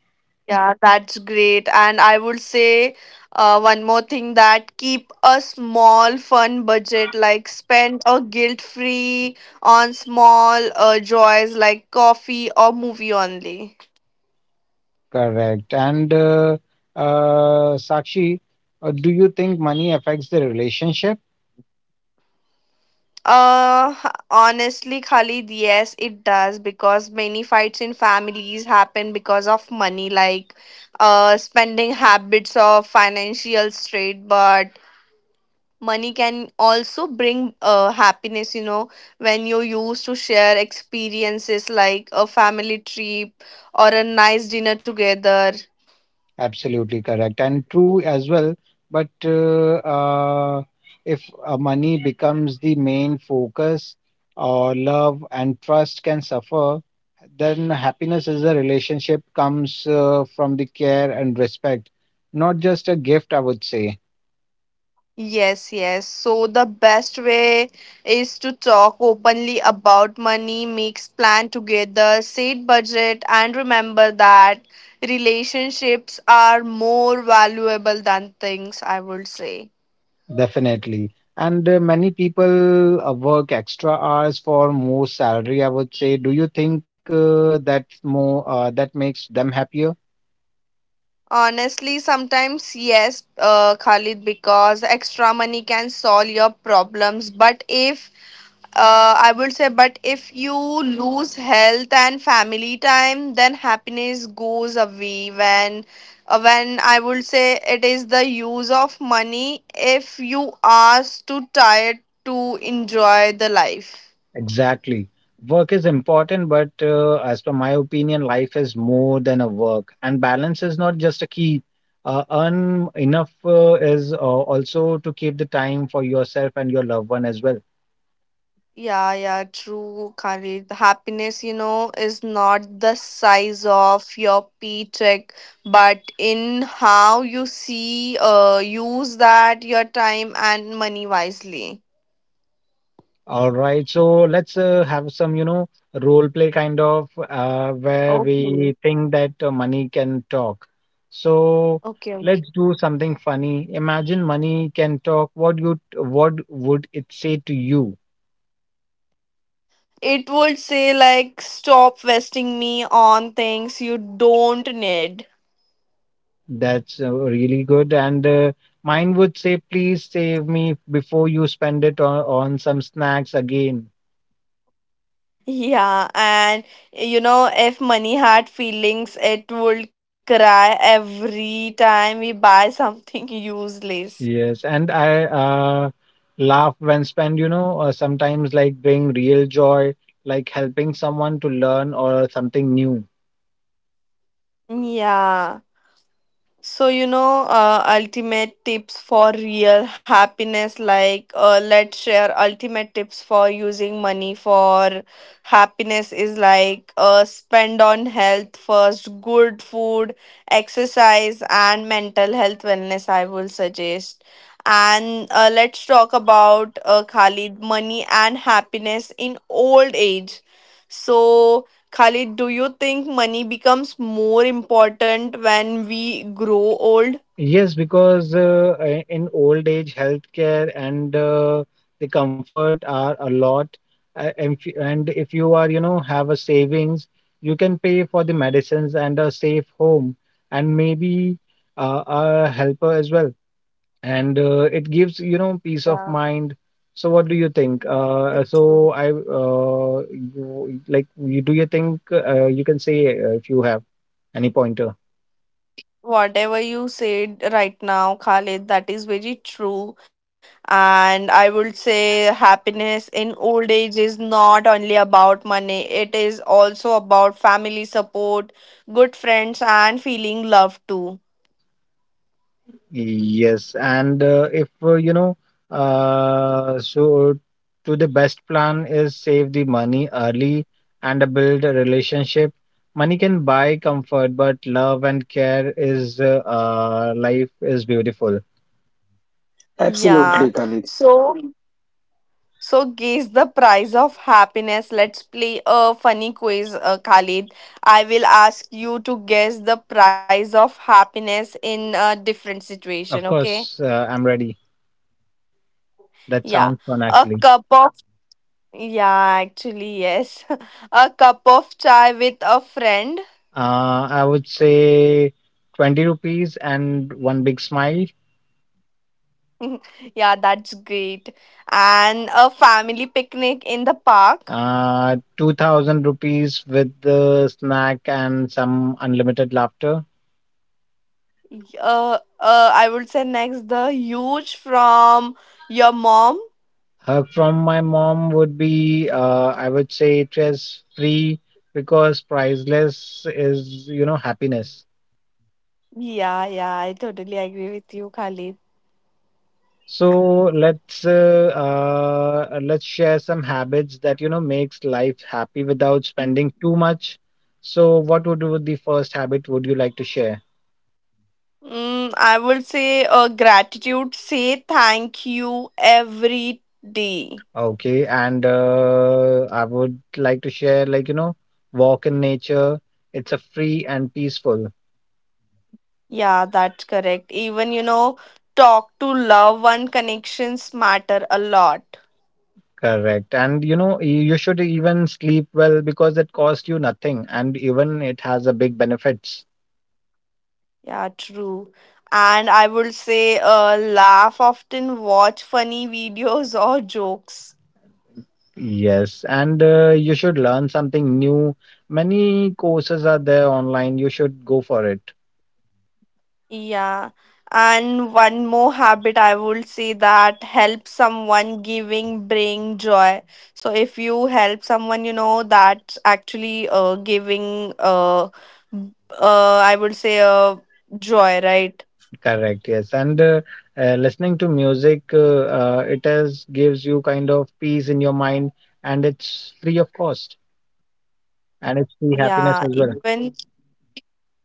Speaker 3: Yeah, that's great. And I would say one more thing, that keep a small fun budget like spend a guilt free on small joys like coffee or movie only.
Speaker 2: Correct. And Sakshi, do you think money affects the relationship?
Speaker 3: Uh, honestly, Khalid, yes, it does because many fights in families happen because of money, like spending habits or financial strain. But money can also bring happiness, you know, when you used to share experiences like a family trip or a nice dinner together.
Speaker 2: Absolutely correct and true as well. But if money becomes the main focus, or love and trust can suffer, then happiness as a relationship comes from the care and respect, not just a gift, I would say,
Speaker 3: Yes, yes. So the best way is to talk openly about money, makes plan together, set budget, and remember that relationships are more valuable than things, I would say.
Speaker 2: definitely. And many people work extra hours for more salary, I would say. Do you think that's more that makes them happier?
Speaker 3: Honestly, sometimes yes, Khalid, because extra money can solve your problems. But if I would say, but if you lose health and family time, then happiness goes away. When I would say it is the use of money if you are too tired to enjoy the life.
Speaker 2: Exactly. Work is important, but as per my opinion, life is more than a work. And balance is not just a key. Earn enough is also to keep the time for yourself and your loved one as well.
Speaker 3: Yeah, yeah, true, Khalid. The happiness, you know, is not the size of your paycheck, but in how you see, use that your time and money wisely.
Speaker 2: All right. So let's have some role play kind of where
Speaker 3: Okay.
Speaker 2: we think that money can talk. So
Speaker 3: Okay, okay.
Speaker 2: let's do something funny. Imagine money can talk. What would it say to you?
Speaker 3: It would say like stop wasting me on things you don't need.
Speaker 2: That's really good. And mine would say, please save me before you spend it on some snacks again.
Speaker 3: Yeah, and you know, if money had feelings, it would cry every time we buy something useless.
Speaker 2: Yes. And I laugh when spend sometimes like bring real joy, like helping someone to learn or something new.
Speaker 3: Yeah. So, you know, ultimate tips for real happiness like let's share ultimate tips for using money for happiness is like spend on health first, good food, exercise, and mental health wellness. I will suggest. And let's talk about Khalid, money and happiness in old age. So, Khalid, do you think money becomes more important when we grow old?
Speaker 2: Yes, because in old age, healthcare and the comfort are a lot. And if you are, have a savings, you can pay for the medicines and a safe home and maybe a helper as well. And it gives peace of
Speaker 3: Yeah,
Speaker 2: mind. So what do you think?
Speaker 3: it's
Speaker 2: So
Speaker 3: true.
Speaker 2: I, you, like, you, do you think you can say if you have any pointer?
Speaker 3: Whatever you said right now, Khalid, that is very true. And I would say happiness in old age is not only about money, it is also about family support, good friends, and feeling loved too.
Speaker 2: Yes, and if you know, so to the best plan is save the money early and build a relationship. Money can buy comfort, but love and care is life is beautiful.
Speaker 3: Yeah.
Speaker 1: Absolutely, Khalid.
Speaker 3: So, so, guess the price of happiness. Let's play a funny quiz, Khalid. I will ask you to guess the price of happiness in a different situation,
Speaker 2: Of
Speaker 3: okay?
Speaker 2: course, I'm ready. That
Speaker 3: Yeah.
Speaker 2: sounds fun
Speaker 3: A
Speaker 2: actually.
Speaker 3: cup of, yeah, actually, yes. A cup of chai with a friend.
Speaker 2: I would say 20 rupees and one big smile.
Speaker 3: Yeah, that's great. And a family picnic in the park.
Speaker 2: 2000 rupees with the snack and some unlimited laughter.
Speaker 3: I would say next, the huge from your mom.
Speaker 2: From my mom would be, I would say it is free because priceless is, happiness.
Speaker 3: Yeah, yeah, I totally agree with you, Khalid.
Speaker 2: So let's share some habits that, makes life happy without spending too much. So what would the first habit would you like to share?
Speaker 3: Mm, I would say gratitude. Say thank you every day.
Speaker 2: Okay, and I would like to share like, walk in nature. It's a free and peaceful.
Speaker 3: Yeah, that's correct. Even, you know, talk to loved one connections matter a lot.
Speaker 2: Correct. And you know, you should even sleep well because it costs you nothing and even it has a big benefits.
Speaker 3: Yeah, true. And I would say laugh often, watch funny videos or jokes.
Speaker 2: Yes. And you should learn something new. Many courses are there online. You should go for it.
Speaker 3: Yeah. And one more habit I would say, that help someone giving bring joy. So if you help someone, you know, that's actually giving I would say joy, right?
Speaker 2: Correct. Yes. And listening to music, it is gives you kind of peace in your mind and it's free of cost and it's free happiness
Speaker 3: Yeah,
Speaker 2: as well.
Speaker 3: even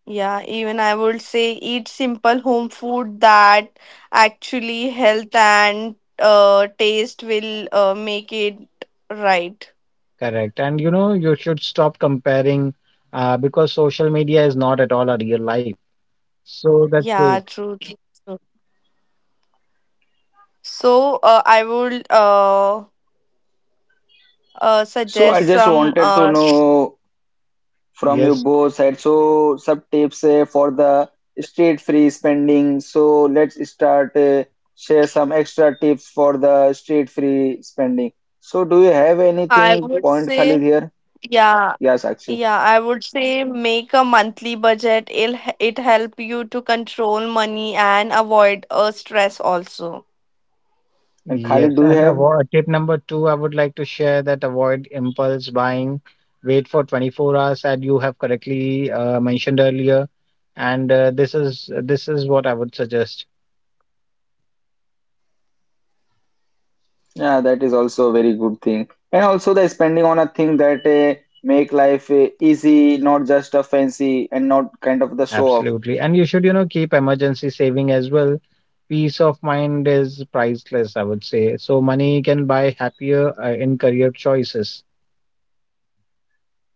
Speaker 3: yeah, even I would say eat simple home food that actually health and taste will make it right.
Speaker 2: Correct. And you know, you should stop comparing because social media is not at all a real life. So that's great.
Speaker 3: Yeah, true, true. So I would
Speaker 1: So I
Speaker 3: suggest
Speaker 1: just
Speaker 3: some.
Speaker 1: wanted to know from you
Speaker 2: Yes,
Speaker 1: both sides. So some tips for the street free spending. So let's start, share some extra tips for the street free spending. So do you have
Speaker 3: I
Speaker 1: anything
Speaker 3: would
Speaker 1: point, Khalid
Speaker 3: say
Speaker 1: here?
Speaker 3: yeah,
Speaker 1: Yes, actually.
Speaker 3: yeah. I would say make a monthly budget. It help you to control money and avoid stress also.
Speaker 1: And
Speaker 2: yes.
Speaker 1: Khalid, do you
Speaker 2: And
Speaker 1: have?
Speaker 2: avoid, tip number two, I would like to share that avoid impulse buying. Wait for 24 hours, as you have correctly mentioned earlier. And this is what I would suggest.
Speaker 1: Yeah, that is also a very good thing. And also the spending on a thing that make life easy, not just a fancy and not kind of the show off.
Speaker 2: Absolutely. And you should, keep emergency saving as well. Peace of mind is priceless, I would say. So money can buy happier in career choices.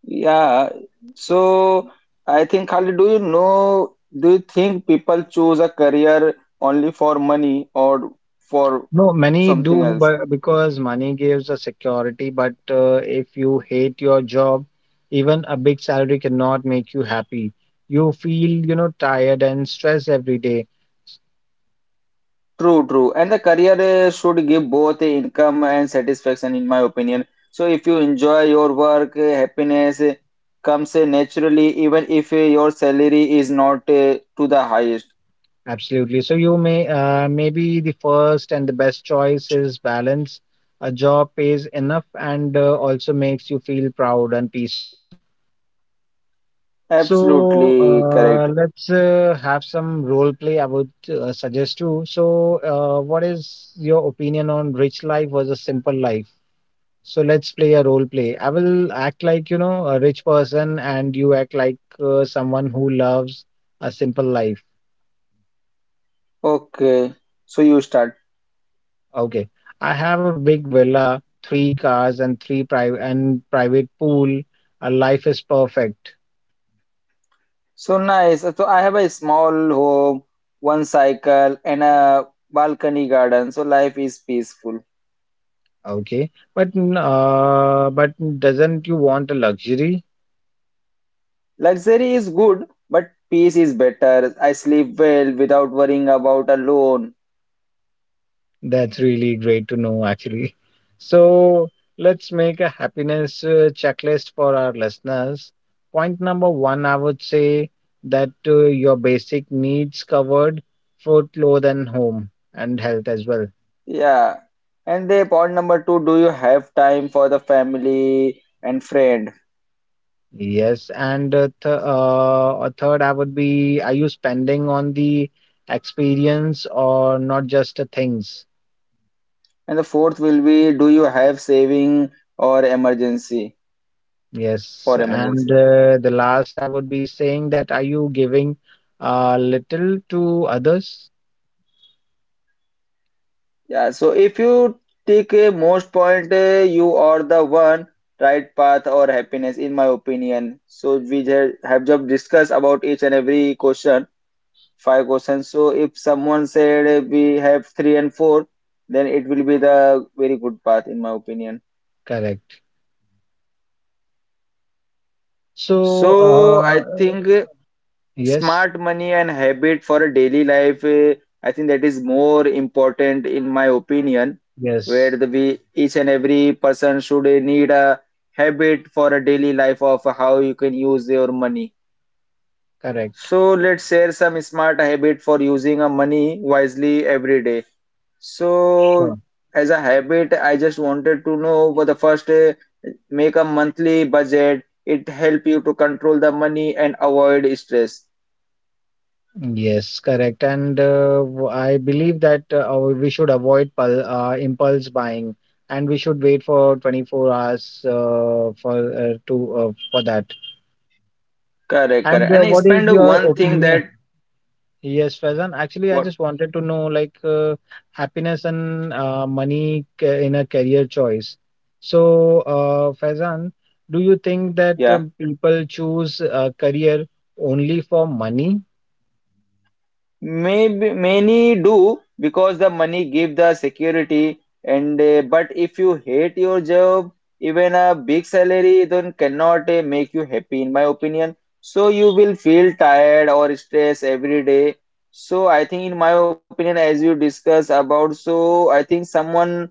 Speaker 1: Yeah, so I think, Khalid, do you know, do you think people choose a career only for money or for
Speaker 2: No, many
Speaker 1: something
Speaker 2: do,
Speaker 1: else?
Speaker 2: but because money gives a security, but if you hate your job, even a big salary cannot make you happy. You feel, tired and stressed every day.
Speaker 1: True, true. And the career should give both income and satisfaction, in my opinion. So if you enjoy your work, happiness comes naturally, even if your salary is not to the highest.
Speaker 2: Absolutely. So maybe the first and the best choice is balance. A job pays enough and also makes you feel proud and peaceful. So
Speaker 1: Absolutely correct.
Speaker 2: let's have some role play. I would suggest you. So, what is your opinion on rich life versus simple life? So let's play a role play. I will act like, a rich person, and you act like someone who loves a simple life.
Speaker 1: Okay, so you start.
Speaker 2: Okay. I have a big villa, three cars, and three private and private pool. A life is perfect.
Speaker 1: So nice. So I have a small home, one cycle, and a balcony garden. So life is peaceful.
Speaker 2: Okay. But but doesn't you want a luxury?
Speaker 1: Luxury is good, but peace is better. I sleep well without worrying about a loan.
Speaker 2: That's really great to know, actually. So let's make a happiness checklist for our listeners. Point number one, I would say that your basic needs covered food, clothes, and home, and health as well.
Speaker 1: Yeah. And the point number two, do you have time for the family and friend?
Speaker 2: Yes, and a third, I would be, are you spending on the experience or not just the things?
Speaker 1: And the fourth will be, do you have saving or emergency
Speaker 2: Yes,
Speaker 1: for
Speaker 2: and
Speaker 1: emergency?
Speaker 2: the last I would be saying that are you giving little to others?
Speaker 1: Yeah, so if you take a most point, you are the one right path or happiness, in my opinion. So we have just discussed about each and every question, five questions. So if someone said, we have three and four, then it will be the very good path, in my opinion.
Speaker 2: Correct. So,
Speaker 1: So I think
Speaker 2: yes,
Speaker 1: smart money and habit for a daily life, I think that is more important, in my opinion, where
Speaker 2: yes,
Speaker 1: the we each and every person should, need a habit for a daily life of how you can use your money.
Speaker 2: correct.
Speaker 1: So let's share some smart habit for using a money wisely every day. So
Speaker 2: Sure.
Speaker 1: as a habit, I just wanted to know for the first, make a monthly budget. It help you to control the money and avoid stress.
Speaker 2: Yes, correct. And I believe that we should avoid pul impulse buying, and we should wait for 24 hours for that.
Speaker 1: Correct,
Speaker 2: And
Speaker 1: correct. And I
Speaker 2: what is
Speaker 1: spend
Speaker 2: your
Speaker 1: one thing
Speaker 2: opinion?
Speaker 1: that
Speaker 2: Yes, Faizan. Actually, I
Speaker 1: what,
Speaker 2: just wanted to know like happiness and money in a career choice. So, Faizan, do you think that
Speaker 1: yeah.
Speaker 2: people choose a career only for money?
Speaker 1: Maybe many do because the money give the security and but if you hate your job, even a big salary then cannot make you happy, in my opinion. So you will feel tired or stressed every day. So I think, in my opinion, as you discuss about, so I think someone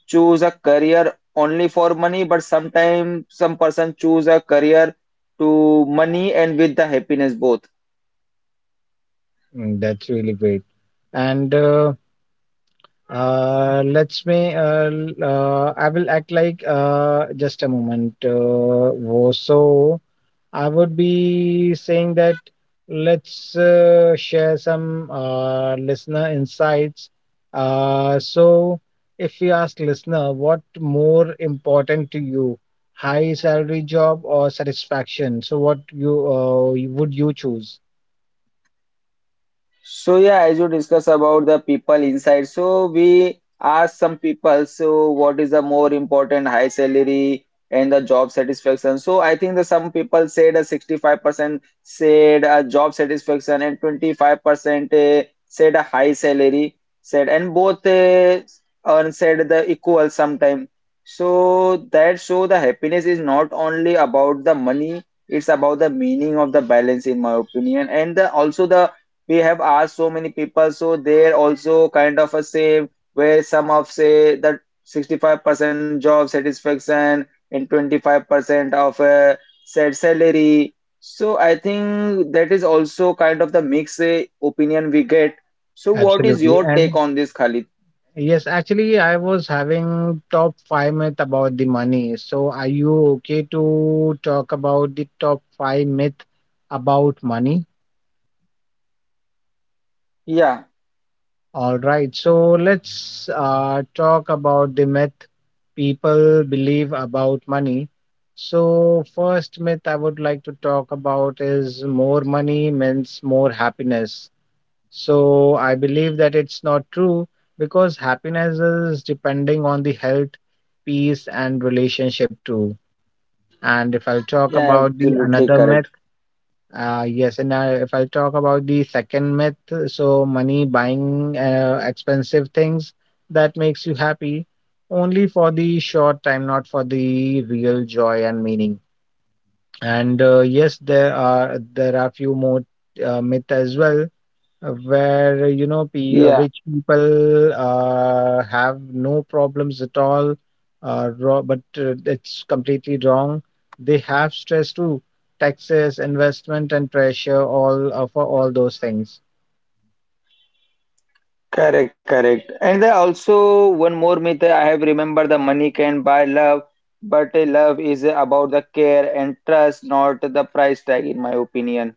Speaker 1: choose a career only for money, but sometimes some person choose a career to money and with the happiness both.
Speaker 2: Mm, that's really great. And I will act like just a moment. So, I would be saying that let's share some listener insights. So, if we ask listener, what more important to you, high salary job or satisfaction? So, what would you choose?
Speaker 1: So yeah, as you discuss about the people inside, so we ask some people, so what is the more important, high salary and the job satisfaction? So I think that some people said a 65% said a job satisfaction and 25% said a high salary said and both earn said the equal sometime. So that show the happiness is not only about the money, it's about the meaning of the balance, in my opinion. And also the we have asked so many people, so they're also kind of a same where some of say that 65% job satisfaction and 25% of a said salary. So I think that is also kind of the mixed opinion we get. So what is
Speaker 2: Absolutely.
Speaker 1: your take
Speaker 2: And
Speaker 1: on this, Khalid?
Speaker 2: yes, actually, I was having top five myth about the money. So, are you okay to talk about the top five myth about money?
Speaker 1: Yeah,
Speaker 2: All right, so let's talk about the myth people believe about money. So, first myth I would like to talk about is more money means more happiness. So, I believe that it's not true because happiness is depending on the health, peace, and relationship too. And if I talk
Speaker 1: yeah,
Speaker 2: about the
Speaker 1: absolutely
Speaker 2: another myth,
Speaker 1: correct.
Speaker 2: yes, and if I talk about the second myth, so money buying expensive things that makes you happy only for the short time, not for the real joy and meaning. And yes, there are few more myth as well where
Speaker 1: Yeah.
Speaker 2: rich people have no problems at all raw, but it's completely wrong. They have stress too, taxes, investment, and pressure all for all those things.
Speaker 1: Correct, correct. And there also one more myth I have remembered, the money can buy love, but love is about the care and trust, not the price tag, in my opinion.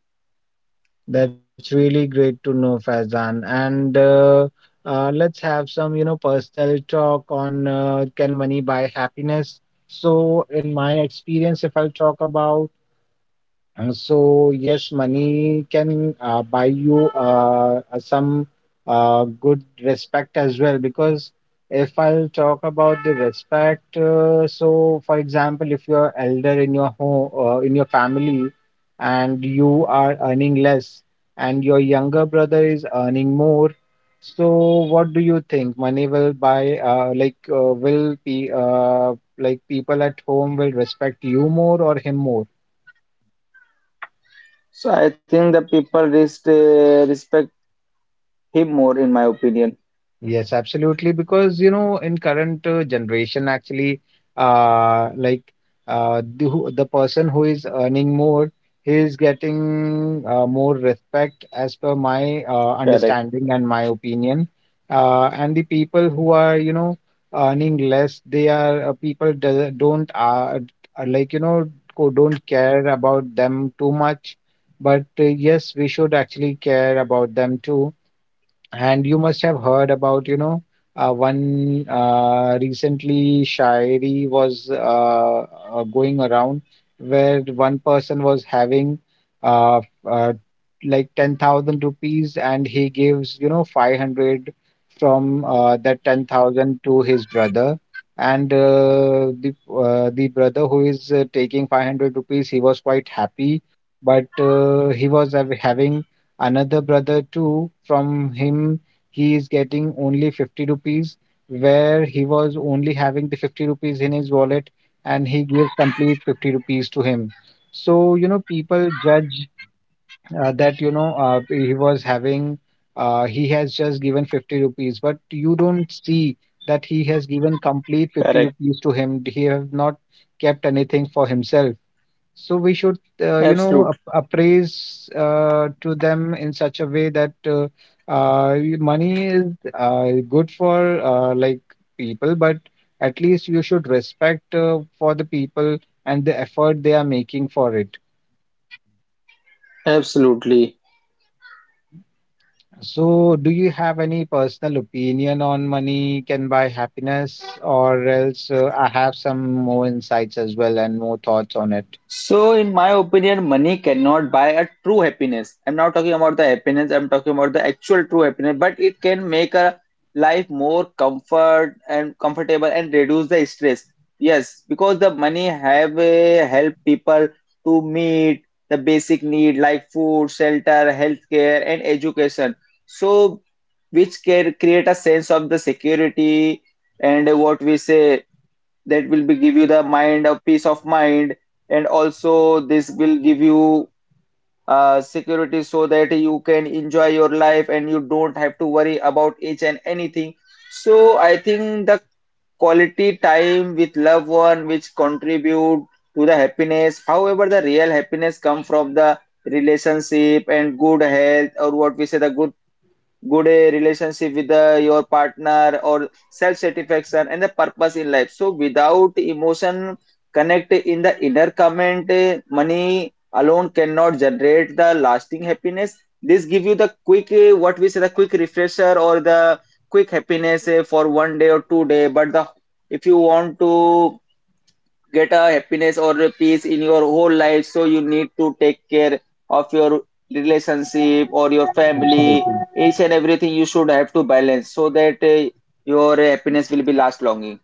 Speaker 2: That's really great to know, Faizan, and let's have some, personal talk on can money buy happiness. So in my experience, if I'll talk about. So yes, money can buy you some good respect as well. Because if I'll talk about the respect, so for example, if you're elder in your home, in your family, and you are earning less, and your younger brother is earning more, so what do you think? Money will buy, will be, like, people at home will respect you more or him more?
Speaker 1: So I think the people respect him more, in my opinion.
Speaker 2: Yes, absolutely. Because, in current generation, actually, like the, who- the person who is earning more, he is getting more respect as per my
Speaker 1: Correct,
Speaker 2: understanding and my opinion. And the people who are, earning less, they are people don't uh, like, you know, don't care about them too much. But yes, we should actually care about them too. And you must have heard about, one recently Shairi was going around where one person was having uh, uh, like 10,000 rupees and he gives, 500 from that 10,000 to his brother. And the brother who is taking 500 rupees, he was quite happy, but he was having another brother too. From him, he is getting only 50 rupees, where he was only having the 50 rupees in his wallet and he gives complete 50 rupees to him. So, you know, people judge that, you know, he was having he has just given 50 rupees, but you don't see that he has given complete
Speaker 1: correct.
Speaker 2: 50 rupees to him. He have not kept anything for himself. So we should,
Speaker 1: Absolutely,
Speaker 2: appraise to them in such a way that money is good for like people, but at least you should respect for the people and the effort they are making for it.
Speaker 1: absolutely.
Speaker 2: So, do you have any personal opinion on money can buy happiness, or else I have some more insights as well and more thoughts on it?
Speaker 1: So, in my opinion, money cannot buy a true happiness. I'm not talking about the happiness, I'm talking about the actual true happiness, but it can make a life more comfort and comfortable and reduce the stress. Yes, because the money have help people to meet the basic need like food, shelter, healthcare, and education. So, which can create a sense of the security and what we say that will be give you the mind a peace of mind, and also this will give you security, so that you can enjoy your life and you don't have to worry about each and anything. So I think the quality time with loved one which contribute to the happiness, however the real happiness come from the relationship and good health, or what we say the good relationship with your partner or self satisfaction and the purpose in life. So without emotion connect in the inner comment, money alone cannot generate the lasting happiness. This give you the quick, what we say, the quick refresher or the quick happiness for 1 day or 2 day, but the if you want to get a happiness or a peace in your whole life, so you need to take care of your relationship or your family,
Speaker 2: Absolutely.
Speaker 1: each and everything you should have to balance, so that your happiness will be last longing.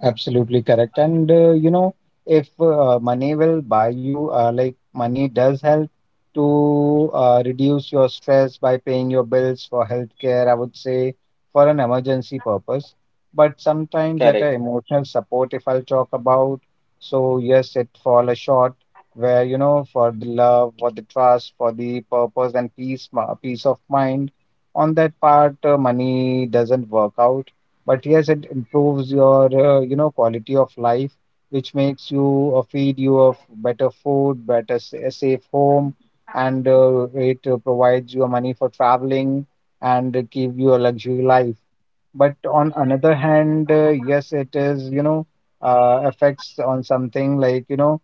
Speaker 2: Absolutely correct. And, if money will buy you, money does help to reduce your stress by paying your bills for healthcare, I would say, for an emergency purpose. But sometimes at a
Speaker 1: Correct,
Speaker 2: emotional support, if I'll talk about, so yes, it fall a short where, you know, for the love, for the trust, for the purpose and peace, peace of mind. On that part, money doesn't work out, but yes, it improves your, quality of life, which makes you feed you of better food, better a safe home, and it provides you money for traveling and give you a luxury life. But on another hand, yes, it is, affects on something like, you know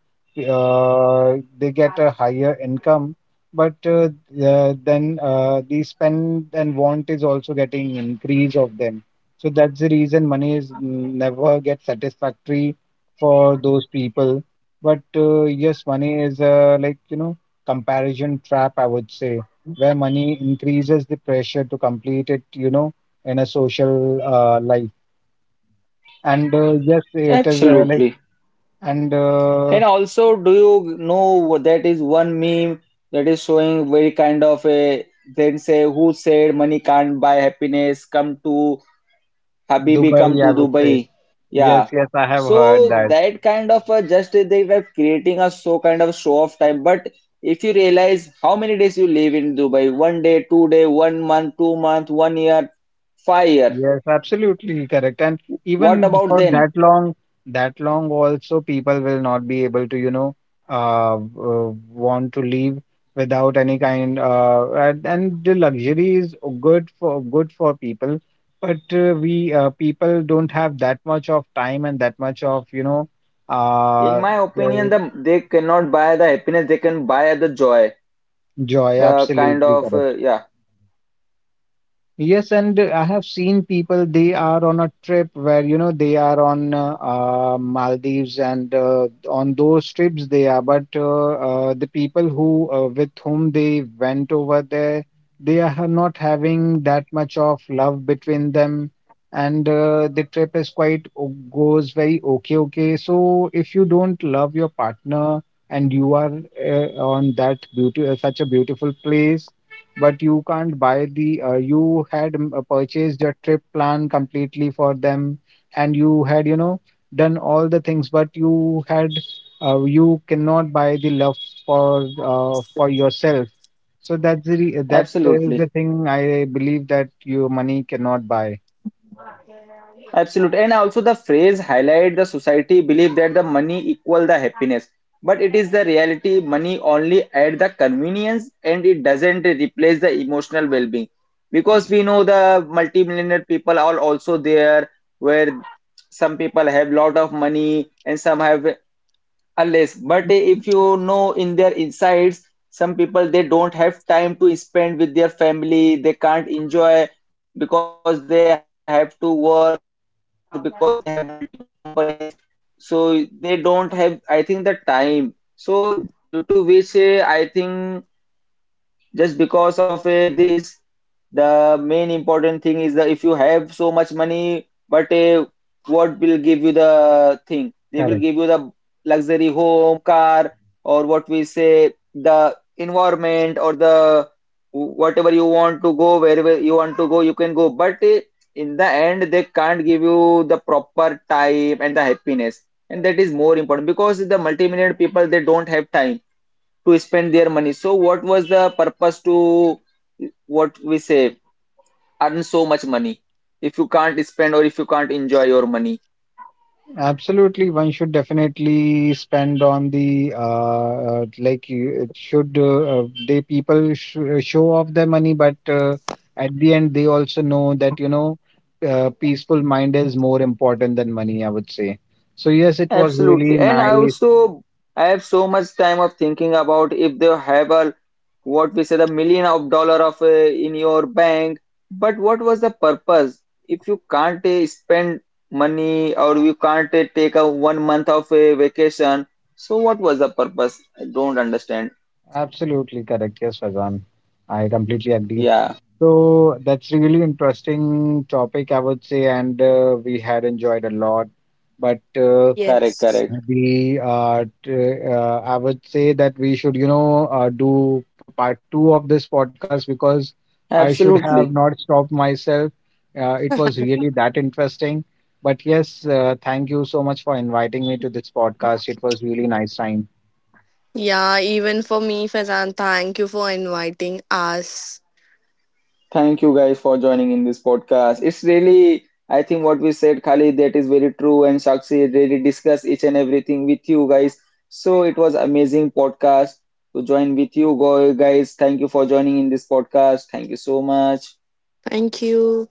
Speaker 2: uh, they get a higher income, but the spend and want is also getting increase of them. So that's the reason money is never get satisfactory for those people. But yes, money is comparison trap, I would say, where money increases the pressure to complete it, in a social life. And yes, it is like
Speaker 1: absolutely.
Speaker 2: and
Speaker 1: And also, do you know that is one meme that is showing very kind of a then say, who said money can't buy happiness, come to Habibi, come
Speaker 2: Dubai, I
Speaker 1: to
Speaker 2: would say.
Speaker 1: Dubai. Yeah.
Speaker 2: Yes, yes, I have
Speaker 1: So
Speaker 2: heard that.
Speaker 1: that kind of just they were creating a so kind of show off time. But if you realize how many days you live in Dubai, 1 day, 2 day, 1 month, 2 month, 1 year, 5 year.
Speaker 2: Yes, absolutely correct. And
Speaker 1: What
Speaker 2: even
Speaker 1: about
Speaker 2: for
Speaker 1: then?
Speaker 2: that long, that long also people will not be able to, want to leave without any kind and the luxury is good for people, but we people don't have that much of time and that much of,
Speaker 1: In
Speaker 2: uh
Speaker 1: my opinion,
Speaker 2: the
Speaker 1: they cannot buy the happiness. They can buy the joy.
Speaker 2: joy.
Speaker 1: The kind
Speaker 2: Absolutely
Speaker 1: of
Speaker 2: correct.
Speaker 1: yeah,
Speaker 2: Yes, and I have seen people, they are on a trip where, they are on Maldives and on those trips they are. But the people who with whom they went over there, they are not having that much of love between them. And the trip is quite goes very okay, okay. So if you don't love your partner and you are on that beauty, such a beautiful place, but you can't buy the you had purchased your trip plan completely for them and you had, you know, done all the things, but you had you cannot buy the love for yourself. So that's the that is
Speaker 1: absolutely.
Speaker 2: the thing I believe, that your money cannot buy.
Speaker 1: Absolutely. And also the phrase highlight the society believe that the money equal the happiness. But it is the reality, money only add the convenience and it doesn't replace the emotional well-being. Because we know the multimillionaire people are also there, where some people have lot of money and some have a less, but eh, if you know in their insides, some people they don't have time to spend with their family, they can't enjoy because they have to work, because they have multiple companies, so they don't have, I think, the time. So due to which, I think just because of this, the main important thing is that if you have so much money, but what will give you the thing, they
Speaker 2: Correct.
Speaker 1: will give you the luxury home car or what we say the environment or the whatever you want to go, wherever you want to go you can go, but in the end they can't give you the proper time and the happiness, and that is more important, because the multi people they don't have time to spend their money. So what was the purpose to what we say earn so much money if you can't spend or if you can't enjoy your money?
Speaker 2: Absolutely, one should definitely spend on the it should they people sh show off their money, but at the end they also know that, peaceful mind is more important than money, I would say. So yes, it was really
Speaker 1: Absolutely. And I
Speaker 2: nice.
Speaker 1: also I have so much time of thinking about, if they have a what we say the million of dollar of in your bank, but what was the purpose if you can't spend money or you can't take a 1 month of a vacation? So what was the purpose? I don't understand.
Speaker 2: Absolutely correct. Yes, Fazan, I completely agree.
Speaker 1: Yeah,
Speaker 2: So that's really interesting topic, I would say, and we had enjoyed a lot, but.
Speaker 1: correct,
Speaker 4: Yes.
Speaker 1: correct.
Speaker 2: I would say that we should, do p- part two of this podcast because I should have
Speaker 1: Absolutely.
Speaker 2: not stopped myself. It was really that interesting. But yes, thank you so much for inviting me to this podcast. It was really nice time.
Speaker 4: Yeah, even for me, Fazan, thank you for inviting us.
Speaker 1: Thank you guys for joining in this podcast. It's really, I think what we said, Khalid, that is very true. And Shakshi really discussed each and everything with you guys. So it was amazing podcast to join with you guys. Thank you for joining in this podcast. Thank you so much.
Speaker 4: Thank you.